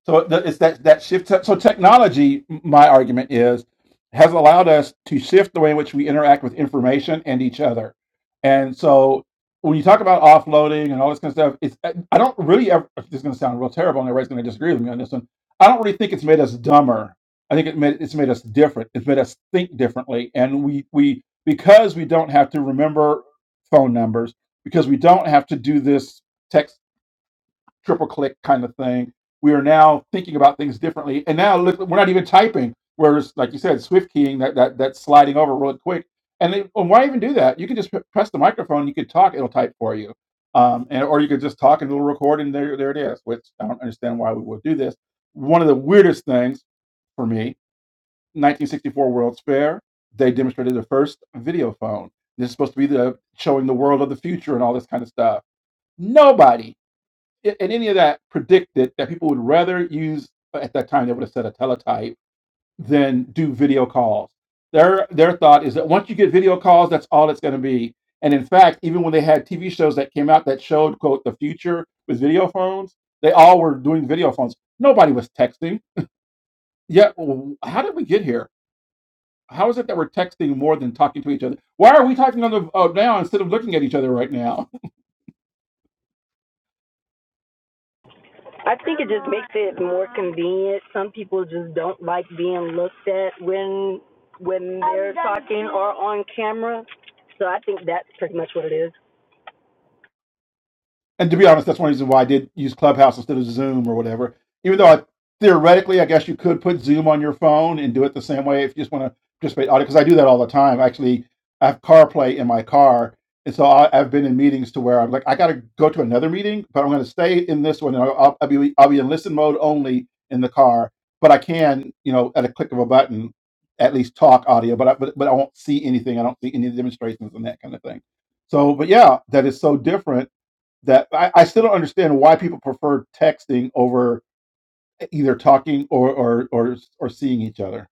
So it's that that shift. Te- So technology, my argument is, has allowed us to shift the way in which we interact with information and each other. And so when you talk about offloading and all this kind of stuff, it's uh, I don't really ever. This is going to sound real terrible, and everybody's going to disagree with me on this one. I don't really think it's made us dumber. I think it made it's made us different. It's made us think differently, and we we because we don't have to remember phone numbers because we don't have to do this text triple click kind of thing. We are now thinking about things differently. And now look, we're not even typing. Whereas, like you said, swift keying that that that's sliding over really quick. And, they, and why even do that? You can just press the microphone. You can talk. It'll type for you. Um, and or you could just talk and it'll record, and there there it is. Which I don't understand why we would do this. One of the weirdest things for me, 1964 World's Fair, they demonstrated the first video phone. This is supposed to be the showing the world of the future and all this kind of stuff. Nobody and any of that predicted that people would rather use uh, at that time they would have said a teletype than do video calls. Their their thought is that once you get video calls, that's all it's going to be. And in fact, even when they had TV shows that came out that showed quote the future with video phones, they all were doing video phones. Nobody was texting. Yet, w- how did we get here? how is it that we're texting more than talking to each other? Why are we talking on the uh, now instead of looking at each other right now? I think it just makes it more convenient. Some people just don't like being looked at when when they're talking or on camera. So I think that's pretty much what it is. and to be honest, that's one reason why I did use Clubhouse instead of Zoom or whatever. Even though I theoretically, I guess you could put Zoom on your phone and do it the same way if you just want to participate audio, because I do that all the time. Actually, I have CarPlay in my car, and so I, I've been in meetings to where I'm like, I got to go to another meeting, but I'm going to stay in this one, and I'll, I'll be I'll be in listen mode only in the car. But I can, you know, at a click of a button, at least talk audio, but I, but but I won't see anything. I don't see any of the demonstrations and that kind of thing. So, but yeah, that is so different that I, I still don't understand why people prefer texting over either talking or, or or or seeing each other.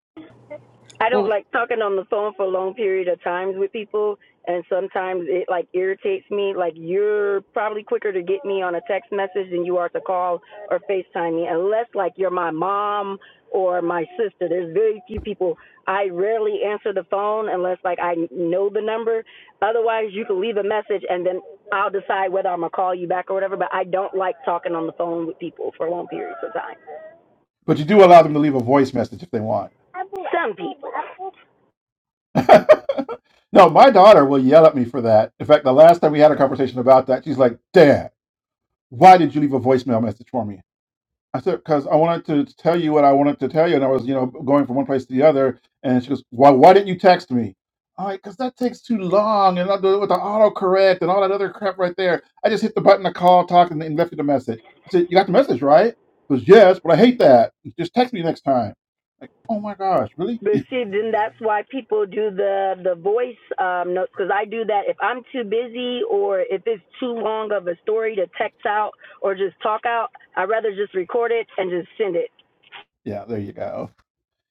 I don't Well, like talking on the phone for a long period of times with people, and sometimes it like irritates me. Like you're probably quicker to get me on a text message than you are to call or FaceTime me, unless like you're my mom or my sister. There's very few people. I rarely answer the phone unless like I know the number. Otherwise, you can leave a message and then I'll decide whether I'm gonna call you back or whatever. But I don't like talking on the phone with people for long periods of time. But you do allow them to leave a voice message if they want. Some people. no, my daughter will yell at me for that. In fact, the last time we had a conversation about that, she's like, "Dad, why did you leave a voicemail message for me?" I said, because I wanted to tell you what I wanted to tell you, and I was, you know, going from one place to the other. And she goes, "Why? Why didn't you text me?" I'm like, "Cause that takes too long, and I'll do it with the autocorrect and all that other crap right there. I just hit the button to call, talk, and, and left you the message." I said, "You got the message, right?" She goes, "Yes, but I hate that. Just text me next time." Like, oh my gosh, really? But see, then that's why people do the the voice um, notes because I do that if I'm too busy or if it's too long of a story to text out or just talk out. I'd rather just record it and just send it. Yeah, there you go.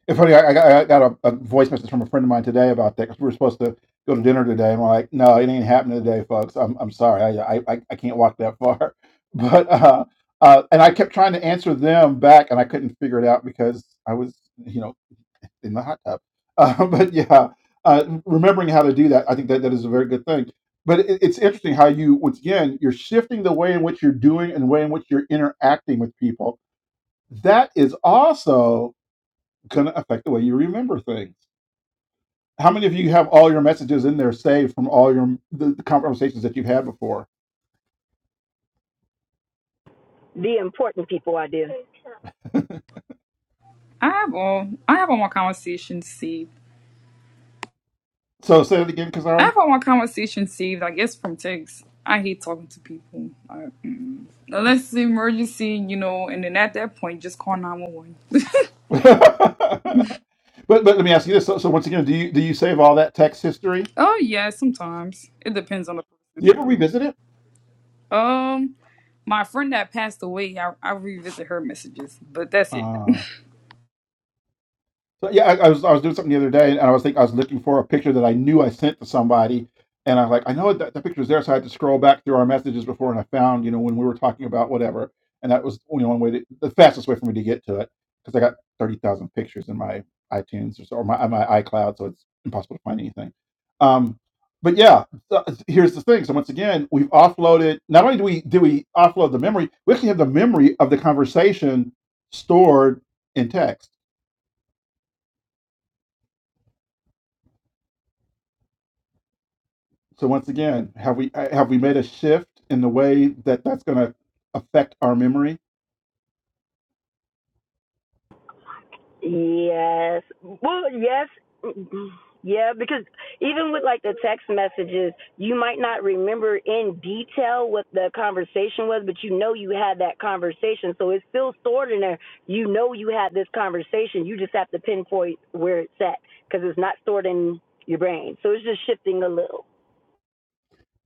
It's funny. I, I got, I got a, a voice message from a friend of mine today about that 'cause we were supposed to go to dinner today, and we're like, "No, it ain't happening today, folks. I'm I'm sorry. I I I I can't walk that far." But uh, uh, and I kept trying to answer them back, and I couldn't figure it out because I was, you know, in the hot tub. Uh, but yeah, uh, remembering how to do that, I think that that is a very good thing. But it, it's interesting how you, once again, you're shifting the way in which you're doing and the way in which you're interacting with people. That is also going to affect the way you remember things. How many of you have all your messages in there saved from all your the, the conversations that you've had before? The important people I do. I have all I have all my conversations saved. So say that again, I Kazari. have all my conversations saved. I guess from texts. I hate talking to people. I, mm, unless it's an emergency, you know. And then at that point, just call nine one one. but but let me ask you this. So, so once again, do you do you save all that text history? Do Oh yeah, sometimes it depends on the person. you ever revisit it? Um, my friend that passed away, I, I revisit her messages, but that's it. Uh, So yeah, I, I was I was doing something the other day, and I was think I was looking for a picture that I knew I sent to somebody, and I was like, I know that the picture was there, so I had to scroll back through our messages before, and I found you know when we were talking about whatever, and that was you know one way to, the fastest way for me to get to it because I got thirty thousand pictures in my iTunes or, so, or my my iCloud, so it's impossible to find anything. Um, but yeah, so here's the thing. So once again, we've offloaded. Not only do we do we offload the memory, we actually have the memory of the conversation stored in text. So once again, have we uh, have we made a shift in the way that that's going to affect our memory? Yes. Well, yes. Yeah, because even with like the text messages, you might not remember in detail what the conversation was, but you know you had that conversation. So it's still stored in there. You know you had this conversation. You just have to pinpoint where it's at because it's not stored in your brain. So it's just shifting a little.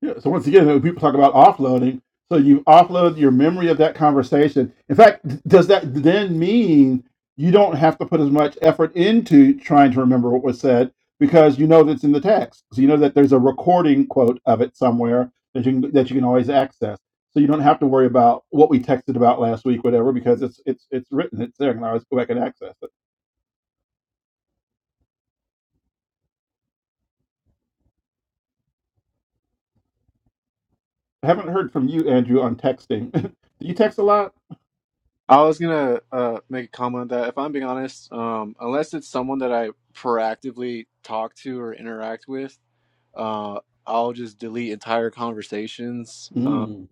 Yeah. So once again, when people talk about offloading. So you offload your memory of that conversation. In fact, d- does that then mean you don't have to put as much effort into trying to remember what was said because you know that's in the text. So you know that there's a recording quote of it somewhere that you can, that you can always access. So you don't have to worry about what we texted about last week, whatever, because it's it's it's written. It's there, and I always go back and access it. I haven't heard from you, Andrew, on texting. Do you text a lot? I was gonna uh, make a comment on that if I'm being honest, um, unless it's someone that I proactively talk to or interact with, uh, I'll just delete entire conversations. Uh, Mm.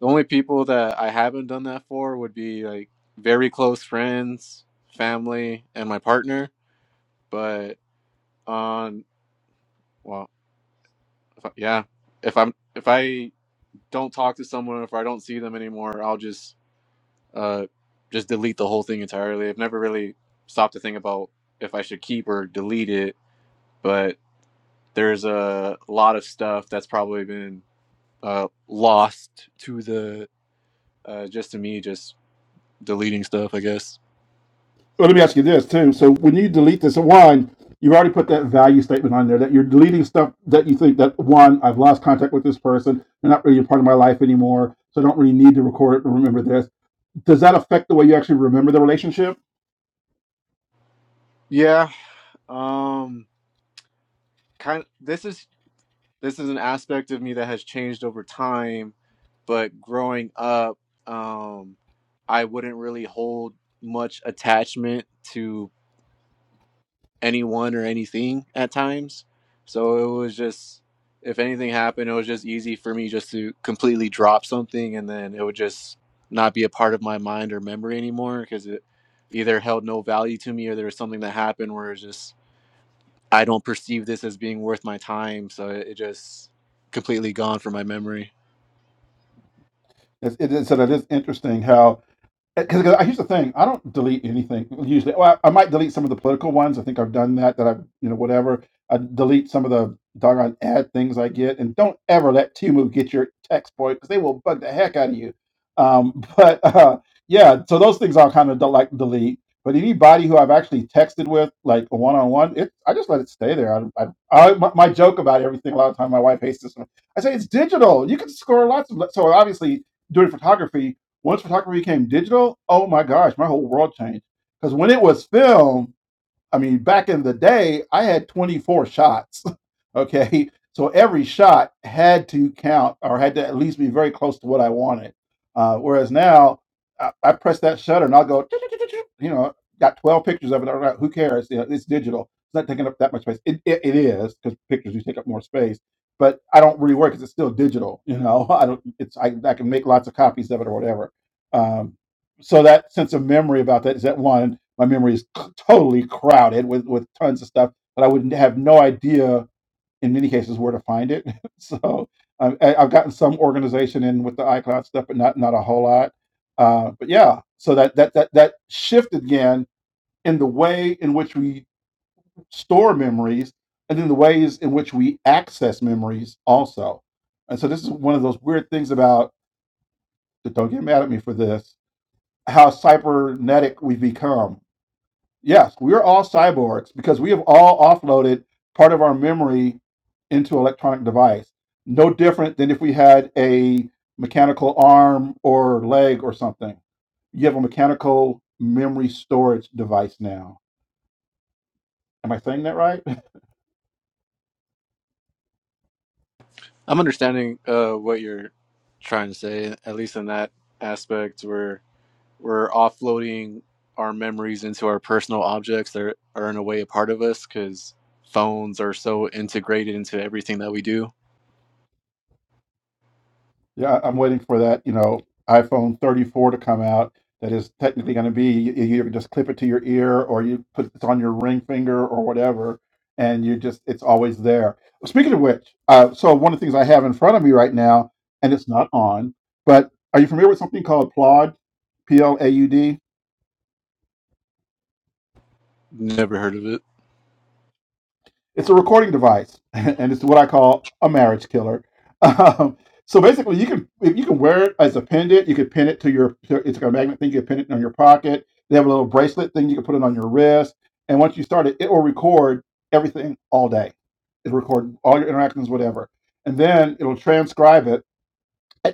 the only people that I haven't done that for would be like very close friends, family, and my partner. But on well, if I, yeah, if I'm if I don't talk to someone if I don't see them anymore, I'll just uh just delete the whole thing entirely. I've never really stopped to think about if I should keep or delete it, but there's a lot of stuff that's probably been uh lost to the uh just to me just deleting stuff, I guess. Well, let me ask you this too. So when you delete this so one, you've already put that value statement on there that you're deleting stuff that you think that one, I've lost contact with this person, they're not really a part of my life anymore, so I don't really need to record it or remember this. Does that affect the way you actually remember the relationship? Yeah. Um kind of, this is this is an aspect of me that has changed over time but growing up um i wouldn't really hold much attachment to anyone or anything at times so it was just if anything happened it was just easy for me just to completely drop something and then it would just not be a part of my mind or memory anymore because it either held no value to me or there was something that happened where it's just I don't perceive this as being worth my time, so it, it just completely gone from my memory. It's, it, so that is interesting how because here's the thing i don't delete anything usually well, I, I might delete some of the political ones i think i've done that that i you know whatever i delete some of the doggone ad things i get and don't ever let timu get your text boy because they will bug the heck out of you um but uh yeah so those things i'll kind of del- like delete but anybody who i've actually texted with like one-on-one it i just let it stay there i, I, I my, my joke about everything a lot of time my wife hates this one i say it's digital you can score lots of so obviously doing photography once photography became digital, oh my gosh, my whole world changed. Because when it was film, I mean, back in the day, I had 24 shots. Okay. So every shot had to count or had to at least be very close to what I wanted. Uh, whereas now, I, I press that shutter and I'll go, you know, got 12 pictures of it. All right, who cares? You know, it's digital. It's not taking up that much space. It, it, it is because pictures do take up more space. But I don't really worry because it's still digital. You know, I don't. It's I, I can make lots of copies of it or whatever. Um, so that sense of memory about that is that one my memory is c- totally crowded with with tons of stuff that I wouldn't have no idea in many cases where to find it. so I, I- I've gotten some organization in with the iCloud stuff, but not not a whole lot. Uh, but yeah, so that that that that shift again in the way in which we store memories and in the ways in which we access memories also. And so this is one of those weird things about don't get mad at me for this how cybernetic we've become Yes, we're all cyborgs because we have all offloaded part of our memory into an electronic device. No different than if we had a mechanical arm or leg or something. You have a mechanical memory storage device now. Am I saying that right? I'm understanding uh, what you're trying to say, at least in that aspect where we're offloading our memories into our personal objects that are, are in a way a part of us because phones are so integrated into everything that we do. Yeah, I- am waiting for that, you know, iPhone 34 to come out. That is technically going to be you, you can just clip it to your ear, or you put it on your ring finger, or whatever, and you just it's always there. Speaking of which, uh, so one of the things I have in front of me right now, and it's not on, but are you familiar with something called Plaud? P L A U D. Never heard of it. It's a recording device, and it's what I call a marriage killer. Um, so basically, you can you can wear it as a pendant. You could pin it to your. to- It's like a magnet thing. You can pin it on your pocket. They have a little bracelet thing. You can put it on your wrist, and once you start it, it will record everything all day. It'll record all your interactions, whatever, and then it'll transcribe it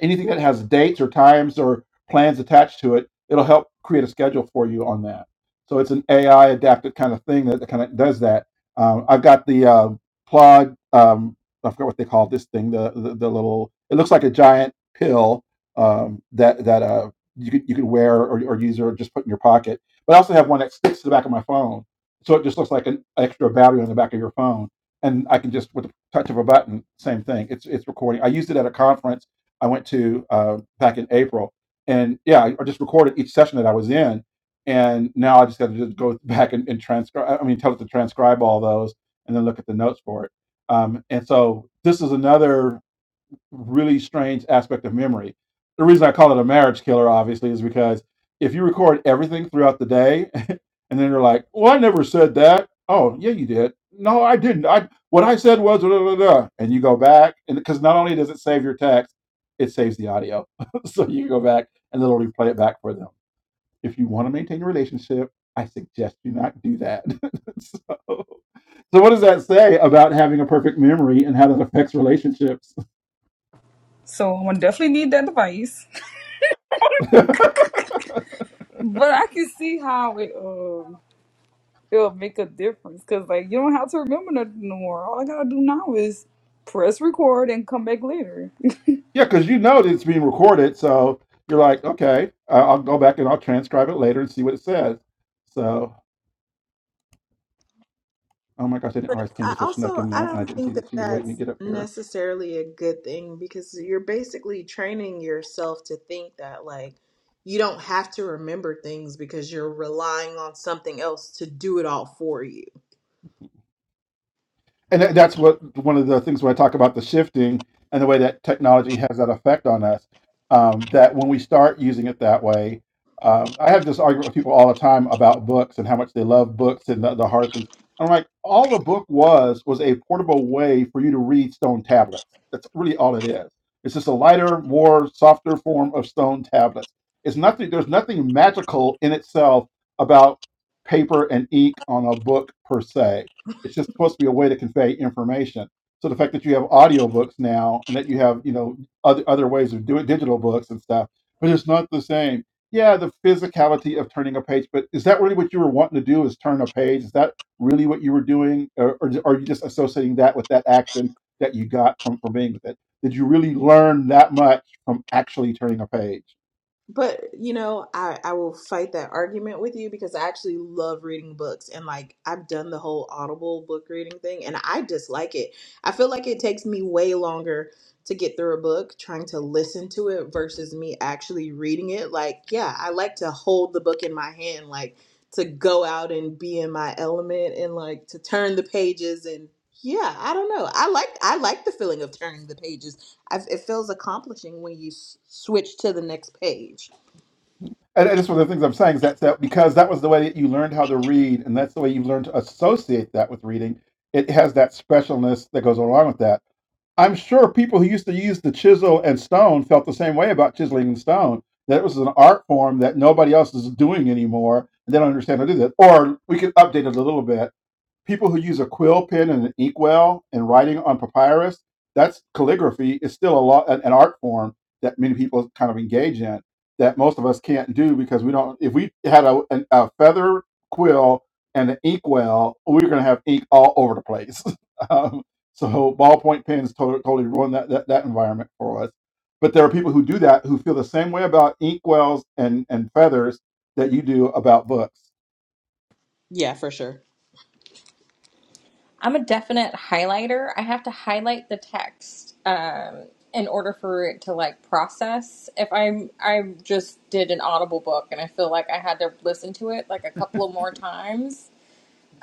anything that has dates or times or plans attached to it, it'll help create a schedule for you on that. So it's an AI adapted kind of thing that kind of does that. Um, I've got the uh, plug. Um, I forgot what they call this thing. The, the the little. It looks like a giant pill um, that that uh, you could you could wear or, or use or just put in your pocket. But I also have one that sticks to the back of my phone, so it just looks like an extra battery on the back of your phone. And I can just with the touch of a button, same thing. It's it's recording. I used it at a conference I went to uh, back in April, and yeah, I I just recorded each session that I was in, and now I just got to just go back and, and transcribe. I mean, tell it to transcribe all those, and then look at the notes for it. Um, and so this is another really strange aspect of memory. The reason I call it a marriage killer, obviously, is because if you record everything throughout the day, and then you're like, "Well, I never said that." Oh, yeah, you did. No, I didn't. I what I said was, da, da, da, and you go back, and because not only does it save your text, it saves the audio, so you go back and it'll replay it back for them. If you want to maintain a relationship, I suggest you not do that. so, so, what does that say about having a perfect memory and how that affects relationships? So I'm gonna definitely need that device. But I can see how it um it'll make a difference because like you don't have to remember nothing no more. All I gotta do now is press record and come back later. Yeah, because you know that it's being recorded, so you're like, okay, I- I'll go back and I'll transcribe it later and see what it says. So, oh my gosh, I didn't But realize I Candace had snuck also in I there, and I don't didn't think see that that she was waiting to that's get up here. necessarily a good thing because you're basically training yourself to think that like you don't have to remember things because you're relying on something else to do it all for you. and that- that's what one of the things where I talk about the shifting and the way that technology has that effect on us. Um, that when we start using it that way, um, I have this argument with people all the time about books and how much they love books and the, the hard things. I'm like, all the book was was a portable way for you to read stone tablets. That's really all it is. It's just a lighter, more softer form of stone tablets. It's nothing. There's nothing magical in itself about paper and ink on a book per se it's just supposed to be a way to convey information. So the fact that you have audiobooks now and that you have, you know, other, other ways of doing digital books and stuff, but it's not the same. Yeah, the physicality of turning a page, but is that really what you were wanting to do is turn a page? Is that really what you were doing? Or, or are you just associating that with that action that you got from, from being with it? Did you really learn that much from actually turning a page? But you know, I I will fight that argument with you because I actually love reading books and like I've done the whole Audible book reading thing and I dislike it. I feel like it takes me way longer to get through a book trying to listen to it versus me actually reading it. Like, yeah, I like to hold the book in my hand like to go out and be in my element and like to turn the pages and yeah, I don't know. I like I like the feeling of turning the pages i it feels accomplishing when you s- switch to the next page. And, and that's one of the things I'm saying is that, that because that was the way that you learned how to read, and that's the way you learned to associate that with reading, it has that specialness that goes along with that. I'm sure people who used to use the chisel and stone felt the same way about chiseling and stone, that it was an art form that nobody else is doing anymore, and they don't understand how to do that. Or we could update it a little bit people who use a quill pen and an inkwell and writing on papyrus that's calligraphy is still a lot an, art form that many people kind of engage in that most of us can't do because we don't if we had a, an, a feather quill and an inkwell we we're going to have ink all over the place um, so ballpoint pens totally, totally ruin that, that that environment for us but there are people who do that who feel the same way about inkwells and and feathers that you do about books. Yeah, for sure. I'm a definite highlighter. I have to highlight the text um, in order for it to like process. If I'm, I just did an Audible book, and I feel like I had to listen to it like a couple of more times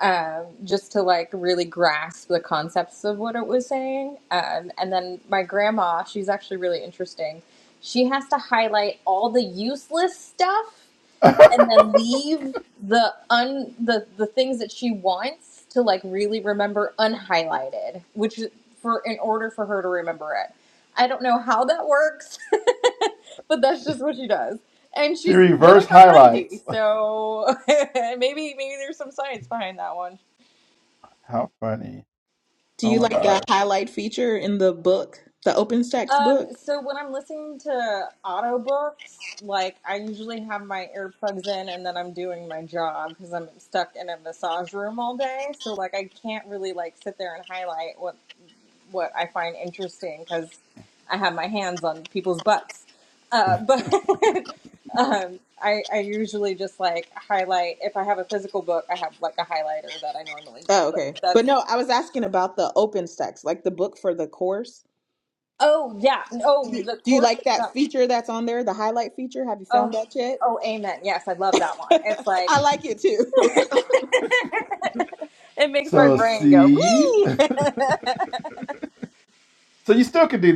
um, just to like really grasp the concepts of what it was saying. Um, and then my grandma, she's actually really interesting. She has to highlight all the useless stuff and then leave the un the the things that she wants to like really remember unhighlighted which is for in order for her to remember it i don't know how that works but that's just what she does and she she's going reverse on 90 highlights. so maybe maybe there's some science behind that one How funny. Do Oh you my like the gosh. highlight feature in the book, the OpenStax Um, book? so when I'm listening to audiobooks, like I usually have my earplugs in and then I'm doing my job because I'm stuck in a massage room all day. So like I can't really like sit there and highlight what what I find interesting because I have my hands on people's butts. Uh, but um, I I usually just like highlight if I have a physical book, I have like a highlighter that I normally do. Oh, But okay. But that's no, I was asking about the OpenStax, like the book for the course. oh yeah, Do oh you, the do you course like that itself. feature that's on there, the highlight feature? Have you found Oh, that yet? oh, amen. Yes, I love that one. It's like I like it too. it makes my So brain go see, wee. so you still could do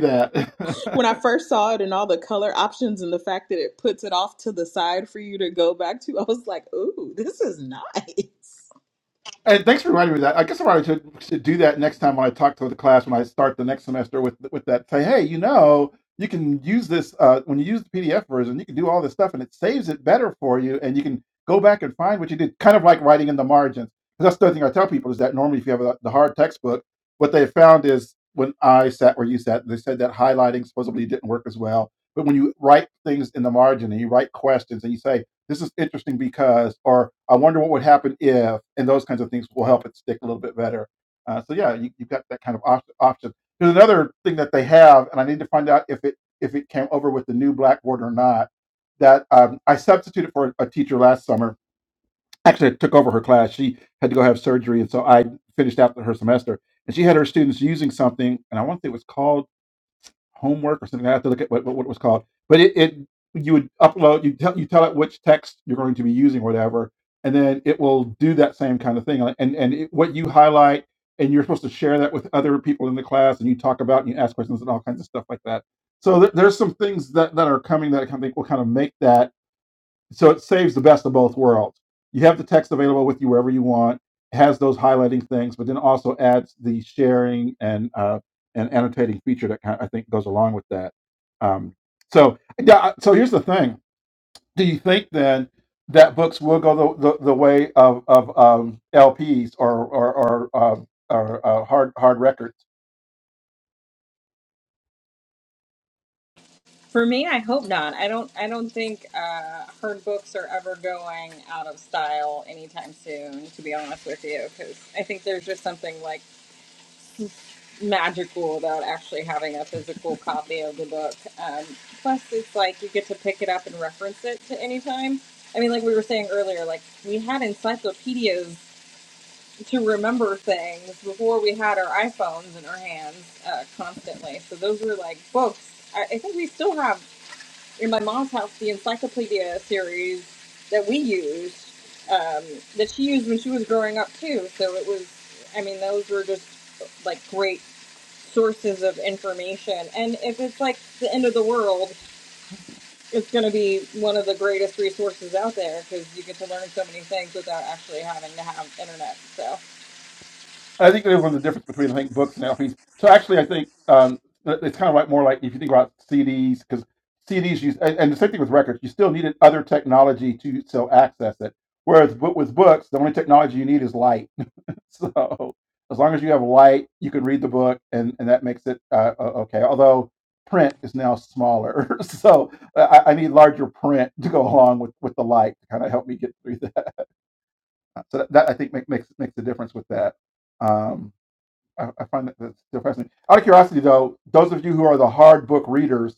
that. when I first saw it and all the color options and the fact that it puts it off to the side for you to go back to, I was like, ooh, this is nice. And thanks for reminding me of that. I guess I probably should, should do that next time when I talk to the class when I start the next semester with with that. Say, hey, you know, you can use this uh, when you use the PDF version, you can do all this stuff, and it saves it better for you, and you can go back and find what you did. Kind of like writing in the margins. 'Cause That's the other thing I tell people is that normally if you have a, the hard textbook, what they found is when I sat where you sat, they said that highlighting supposedly didn't work as well. But when you write things in the margin and you write questions and you say this is interesting because, or I wonder what would happen if, and those kinds of things will help it stick a little bit better. Uh, so yeah, you, you've got that kind of op- option. There's another thing that they have, and I need to find out if it if it came over with the new Blackboard or not. That um, I substituted for a teacher last summer. Actually, I took over her class. She had to go have surgery, and so I finished out her semester. And she had her students using something, and I want to say it was called homework or something. I have to look at what, what, what it was called. But it, it you would upload, you tell you tell it which text you're going to be using, or whatever, and then it will do that same kind of thing. Like, And and it, what you highlight, and you're supposed to share that with other people in the class, and you talk about and you ask questions and all kinds of stuff like that. So there, there's some things that, that are coming that I kind of think will kind of make that so it saves the best of both worlds. You have the text available with you wherever you want, has those highlighting things, but then also adds the sharing and uh, and annotating feature that kind of, I think goes along with that. Um, so yeah, uh, so here's the thing: Do you think then that books will go the, the, the way of of um, LPs or or or, uh, or uh, hard hard records? For me, I hope not. I don't. I don't think uh, her books are ever going out of style anytime soon. To be honest with you, because I think there's just something like magical about actually having a physical copy of the book. Um, plus, it's like you get to pick it up and reference it to any time. I mean, like we were saying earlier, like we had encyclopedias to remember things before we had our iPhones in our hands uh, constantly. So those were like books. I, I think we still have in my mom's house the encyclopedia series that we used um, that she used when she was growing up too. So it was, I mean, those were just like great sources of information. And if it's like the end of the world, it's going to be one of the greatest resources out there because you get to learn so many things without actually having to have internet. So. I think that was the difference between I think books and LPs. So actually, I think um, it's kind of like more like if you think about CDs because CDs use and, and the same thing with records. You still needed other technology to still access it. Whereas but with books, the only technology you need is light. so as long as you have light, you can read the book, and and that makes it uh, okay. Although print is now smaller, so I, I need larger print to go along with with the light to kind of help me get through that. So that, that I think make, makes makes the difference with that. Um, I, I find that that's still fascinating. Out of curiosity, though, those of you who are the hard book readers,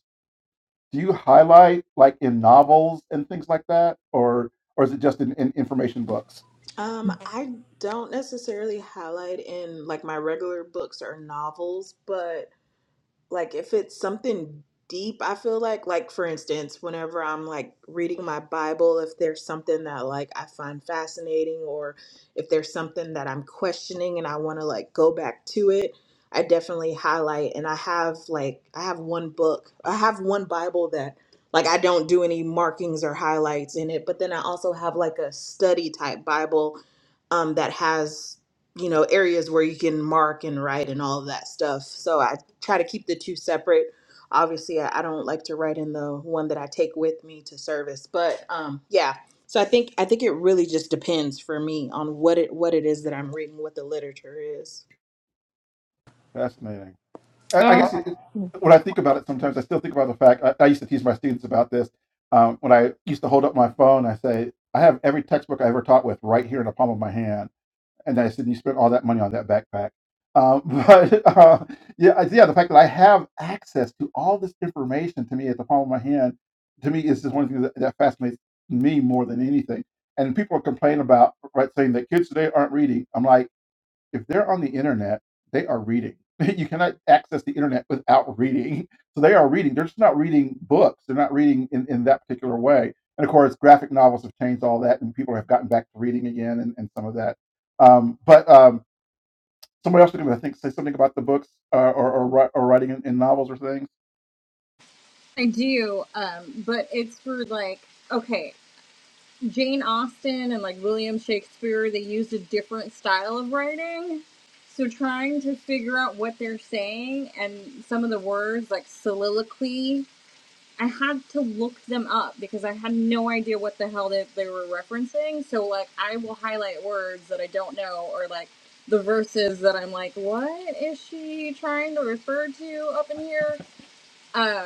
do you highlight like in novels and things like that, or or is it just in, in information books? Um, I don't necessarily highlight in like my regular books or novels, but like if it's something deep i feel like like for instance whenever i'm like reading my bible if there's something that like i find fascinating or if there's something that i'm questioning and i want to like go back to it i definitely highlight and i have like i have one book i have one bible that like i don't do any markings or highlights in it but then i also have like a study type bible um that has you know areas where you can mark and write and all of that stuff so i try to keep the two separate obviously i, I don't like to write in the one that i take with me to service but um yeah so i think i think it really just depends for me on what it what it is that i'm reading what the literature is Fascinating. I, I Um, guess um, it, it- when I think about it, sometimes I still think about the fact I, I used to tease my students about this. Um, when I used to hold up my phone, I say, "I have every textbook I ever taught with right here in the palm of my hand." and I said, you spent all that money on that backpack. Um, but uh, yeah, I- yeah, the fact that I have access to all this information to me at the palm of my hand, to me is just one thing that, that fascinates me more than anything. And people complain about right saying that kids today aren't reading. I'm like if they're on the internet, they are reading. You cannot access the internet without reading. So they are reading. They're just not reading books. They're not reading in, in that particular way. And of course, graphic novels have changed all that, and people have gotten back to reading again and, and some of that. Um, but um, somebody else was going to think say something about the books uh, or, or or writing in, in novels or things. I do, um, but it's for like okay, Jane Austen and like William Shakespeare, they used a different style of writing. So trying to figure out what they're saying and some of the words like soliloquy, I had to look them up because I had no idea what the hell they, they were referencing. So like I will highlight words that I don't know or like the verses that I'm like, what is she trying to refer to up in here? um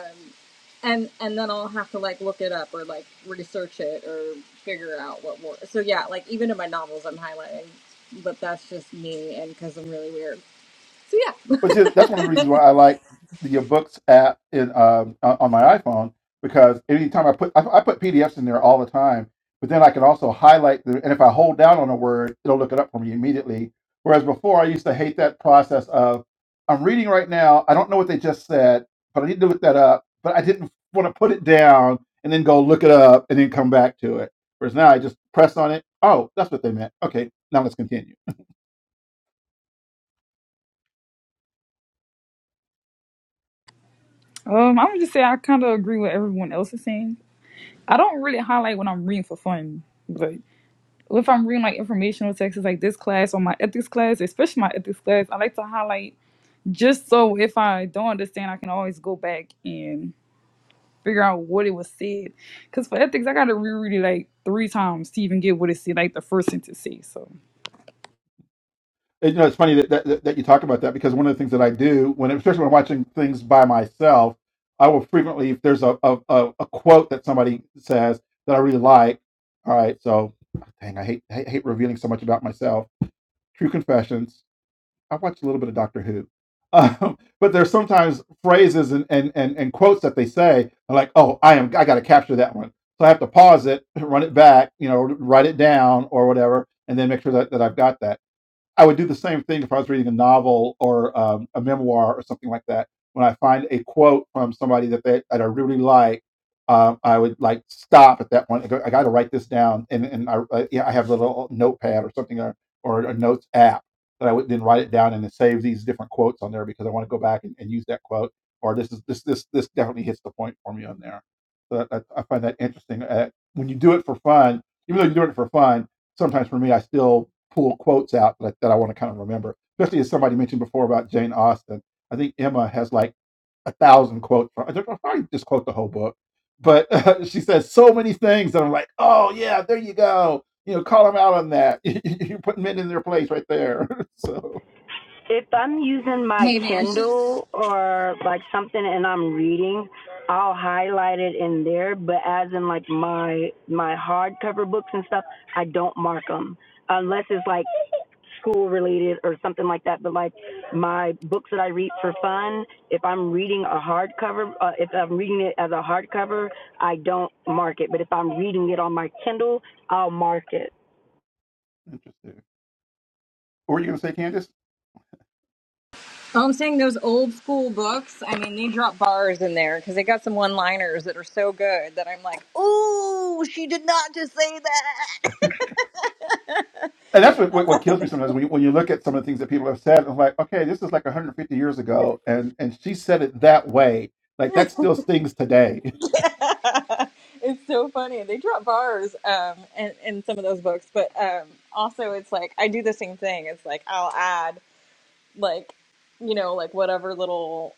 and and then i'll have to like look it up or like research it or figure out what word so yeah like even in my novels i'm highlighting but that's just me and because i'm really weird so yeah But yeah, that's one of the reasons why I like the, your books app in um, on my iPhone because anytime I put I, I put PDFs in there all the time, but then I can also highlight the and if I hold down on a word, it'll look it up for me immediately. Whereas before, I used to hate that process of I'm reading right now, I don't know what they just said, but I need to look that up. But I didn't want to put it down and then go look it up and then come back to it. Whereas now I just press on it. Oh, that's what they meant. Okay, now let's continue. I'm gonna just say I kind of agree with everyone else is saying. I don't really highlight when I'm reading for fun, but if I'm reading like informational texts like this class or my ethics class, especially my ethics class, I like to highlight just so if I don't understand, I can always go back and. figure out what it was said. Because for ethics, I got to reread it like three times to even get what it said, like the first sentence says. So. It- you know, it's funny that, that that that you talk about that because one of the things that I do when, especially when I'm watching things by myself, I will frequently, if there's a a, a, a quote that somebody says that I really like, all right, so dang, I hate I hate revealing so much about myself. True confessions. I watch a little bit of Doctor Who. Um, but there's sometimes phrases and, and, and, and quotes that they say I'm like, oh, I am I gotta capture that one. So I have to pause it, run it back, you know, write it down or whatever, and then make sure that, that I've got that I would do the same thing if I was reading a novel or um, a memoir or something like that. When I find a quote from somebody that they, that I really like, um, I would like stop at that point. and go, I got to write this down, and and I I- yeah, I have a little notepad or something or or a notes app that I would then write it down and then save these different quotes on there because I want to go back and, and use that quote. Or this is this this this definitely hits the point for me on there. So I, I find that interesting. Uh, when you do it for fun, even though you're doing it for fun, sometimes for me, I still pull quotes out like, that I want to kind of remember, especially as somebody mentioned before about Jane Austen. I think Emma has like a thousand quotes. I don't know, probably just quote the whole book, but uh, she says so many things that I'm like, oh yeah, there you go. You know, call them out on that. You're putting men in their place right there. so If uh, I'm using my hey man she, Kindle or like something and I'm reading, I'll highlight it in there. But as in like my my hardcover books and stuff, I don't mark them unless it's like school related or something like that. But like my books that I read for fun, if I'm reading a hardcover, uh, if I'm reading it as a hardcover, I don't mark it. But if I'm reading it on my Kindle, I'll mark it. interesting. What were you going to say, Candace? oh, i'm saying those old school books i mean they drop bars in there because they got some one liners that are so good that i'm like ooh she did not just say that and that's what, what, what kills me sometimes when you, when you look at some of the things that people have said. and I'm like, okay, this is like 150 years ago, and and she said it that way. Like that still stings today. it's so funny they drop bars um in, in some of those books but um also it's like i do the same thing it's like i'll add like you know like whatever little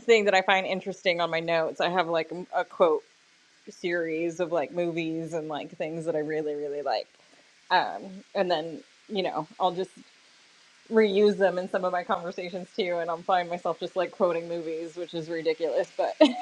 thing that i find interesting on my notes i have like a quote series of like movies and like things that i really really like um, and then you know i'll just reuse them in some of my conversations too and i'll find myself just like quoting movies which is ridiculous but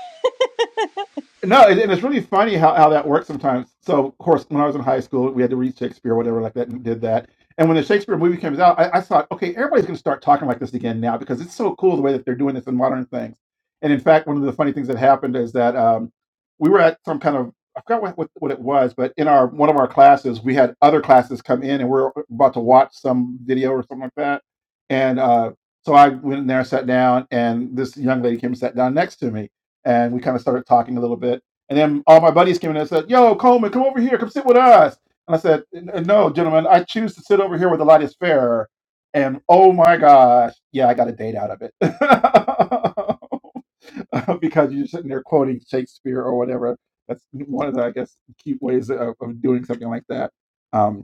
No, and, and it's really funny how, how that works sometimes. So, of course, when I was in high school, we had to read Shakespeare or whatever like that and did that. And when the Shakespeare movie comes out, I, I thought, okay, everybody's going to start talking like this again now because it's so cool the way that they're doing this in modern things. And in fact, one of the funny things that happened is that um, we were at some kind of, I forgot what, what, what it was, but in our one of our classes, we had other classes come in and we are about to watch some video or something like that. And uh, so I went in there, sat down, and this young lady came and sat down next to me and we kind of started talking a little bit. And then all my buddies came in and said, "Yo, Coleman, come over here, come sit with us." And I said, "No, gentlemen, I choose to sit over here where the light is fairer." And oh my gosh, yeah, I got a date out of it because you're sitting there quoting Shakespeare or whatever. That's one of the, I guess, cute ways of, of doing something like that. Um,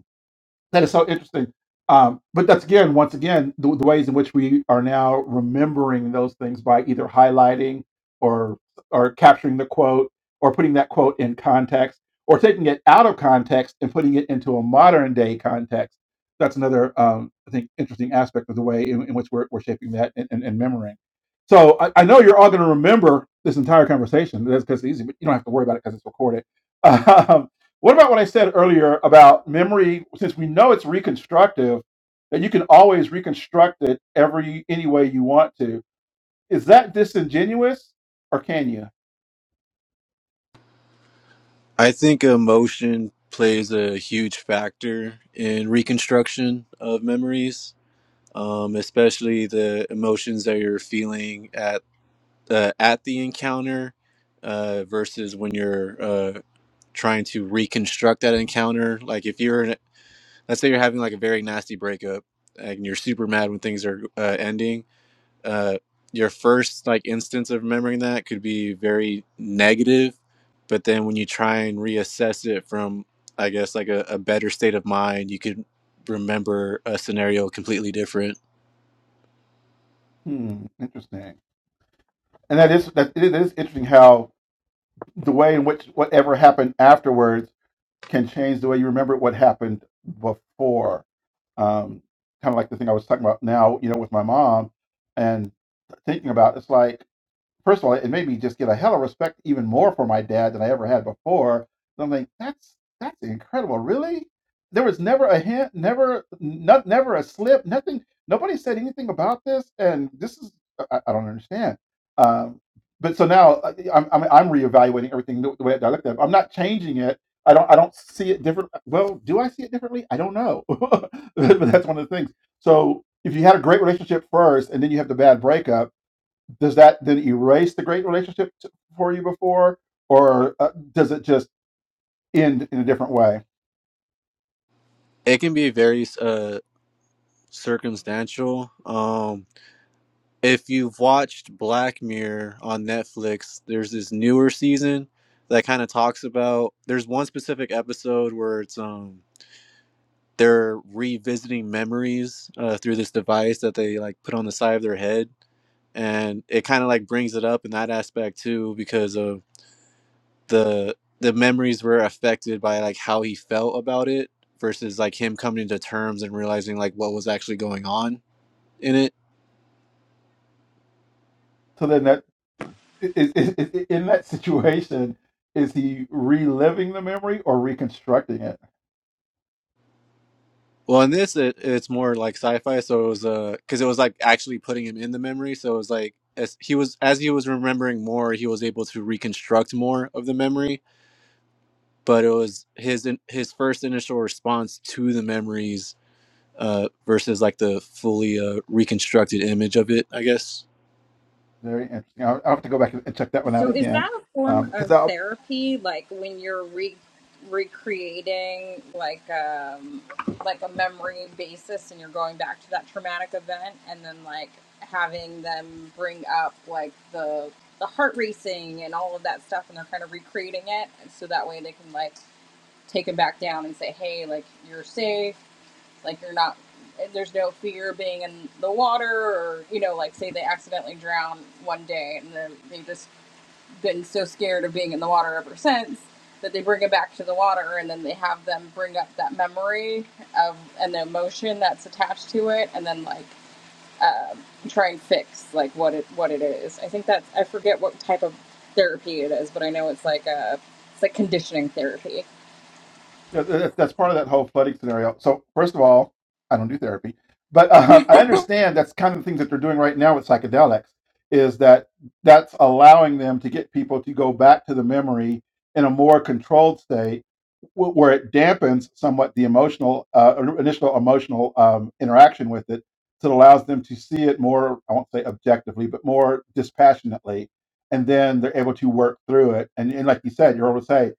that is so interesting. Um, but that's again, once again, the, the ways in which we are now remembering those things by either highlighting or or capturing the quote or putting that quote in context or taking it out of context and putting it into a modern day context. That's another, um, I think, interesting aspect of the way in, in which we're, we're shaping that and, and, and memorying. So I, I know you're all going to remember this entire conversation. That's because it's easy, but you don't have to worry about it because it's recorded. Um, what about what I said earlier about memory? Since we know it's reconstructive, that you can always reconstruct it every any way you want to. Is that disingenuous, or can you? I think emotion plays a huge factor in reconstruction of memories um, especially the emotions that you're feeling at uh, at the encounter uh, versus when you're uh, trying to reconstruct that encounter. Like if you're, in, let's say you're having like a very nasty breakup and you're super mad when things are uh, ending. Uh, your first like instance of remembering that could be very negative, but then when you try and reassess it from, I guess like a, a better state of mind, you could remember a scenario completely different Hmm, interesting. And that is that it is interesting how the way in which whatever happened afterwards can change the way you remember what happened before. Um, kind of like the thing I was talking about now, you know, with my mom and thinking about. It's like first of all, it made me just get a hell of respect even more for my dad than I ever had before. And I'm like, that's that's incredible, really. There was never a hint, never, not, never a slip, nothing. Nobody said anything about this, and this is I, I don't understand. Um, but so now uh, I'm, I'm I'm reevaluating everything the the way that I looked at it. I'm not changing it. I don't I don't see it different. uh, Well, do I see it differently? I don't know. but that's one of the things. So if you had a great relationship first, and then you have the bad breakup does that did it erase the great relationship t- for you before or uh, does it just end in a different way It can be very uh circumstantial. Um if you've watched Black Mirror on Netflix, there's this newer season that kind of talks about there's one specific episode where it's um they're revisiting memories uh, through this device that they like put on the side of their head and it kind of like brings it up in that aspect too because of the the memories were affected by like how he felt about it versus like him coming to terms and realizing like what was actually going on in it. so then that is, is, is, in that situation is he reliving the memory or reconstructing it Well, in this, it, it's more like sci-fi, so it was uh, because it was like actually putting him in the memory, so it was like as he was as he was remembering more, he was able to reconstruct more of the memory. But it was his in- his first initial response to the memories uh, versus like the fully uh, reconstructed image of it, I guess. very interesting i'll, I'll have to go back and check that one out So is again that a form because of I'll. therapy? Like when you're re- recreating like um like a memory basis and you're going back to that traumatic event and then like having them bring up like the the heart racing and all of that stuff and they're kind of recreating it and so that way they can like take them back down and say hey like you're safe like you're not there's no fear being in the water or you know like say they accidentally drown one day and then they just been so scared of being in the water ever since that they bring it back to the water and then they have them bring up that memory of and the emotion that's attached to it and then like try and fix like what it what it is. I think that's I forget what type of therapy it is, but I know it's like a it's like conditioning therapy. Yeah, that's part of that whole flooding scenario. So first of all, I don't do therapy, but um, I understand that's kind of the things that they're doing right now with psychedelics is that that's allowing them to get people to go back to the memory in a more controlled state wh- where it dampens somewhat the emotional uh, initial emotional um, interaction with it so it allows them to see it more i won't say objectively but more dispassionately and then they're able to work through it and, and like you said you're able to say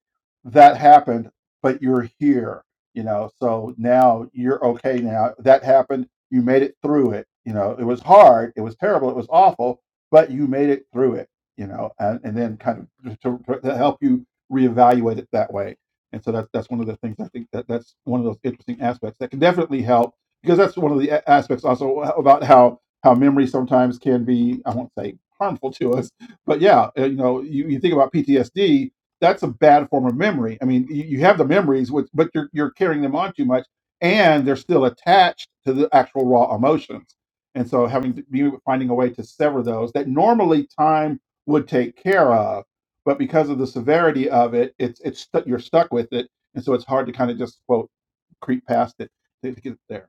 that happened but you're here, you know. So now you're okay now. That happened. You made it through it. You know, it was hard. It was terrible. It was awful, but you made it through it, you know, and, and then kind of to, to help you reevaluate it that way. And so that's, that's one of the things I think that that's one of those interesting aspects that can definitely help because that's one of the a- aspects also about how, how memory sometimes can be, I won't say harmful to us, but yeah, uh, you know, you, you think about PTSD, that's a bad form of memory. I mean, you, you have the memories, which, but you're you're carrying them on too much, and they're still attached to the actual raw emotions. And so, having to be finding a way to sever those that normally time would take care of, but because of the severity of it, it's it's stu you you're stuck with it, and so it's hard to kind of just quote creep past it to get there.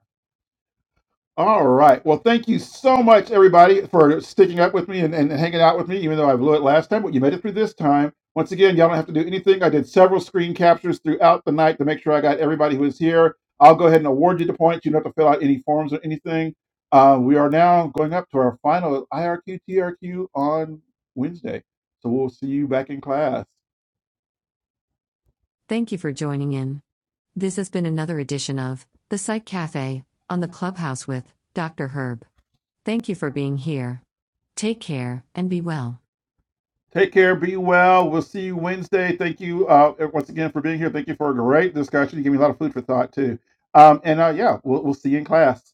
All right. Well, thank you so much, everybody, for sticking up with me and, and hanging out with me, even though I blew it last time. But you made it through this time. Once again, y'all don't have to do anything. I did several screen captures throughout the night to make sure I got everybody who was here. I'll go ahead and award you the points. You don't have to fill out any forms or anything. Uh, we are now going up to our final IRQTRQ on Wednesday. So we'll see you back in class. Thank you for joining in. This has been another edition of The Psych Cafe on the Clubhouse with Dr. Herb. Thank you for being here. Take care and be well. Take care. Be well. We'll see you Wednesday. Thank you uh, once again for being here. Thank you for a great discussion. You gave me a lot of food for thought, too. Um, and uh, yeah, we'll, we'll see you in class.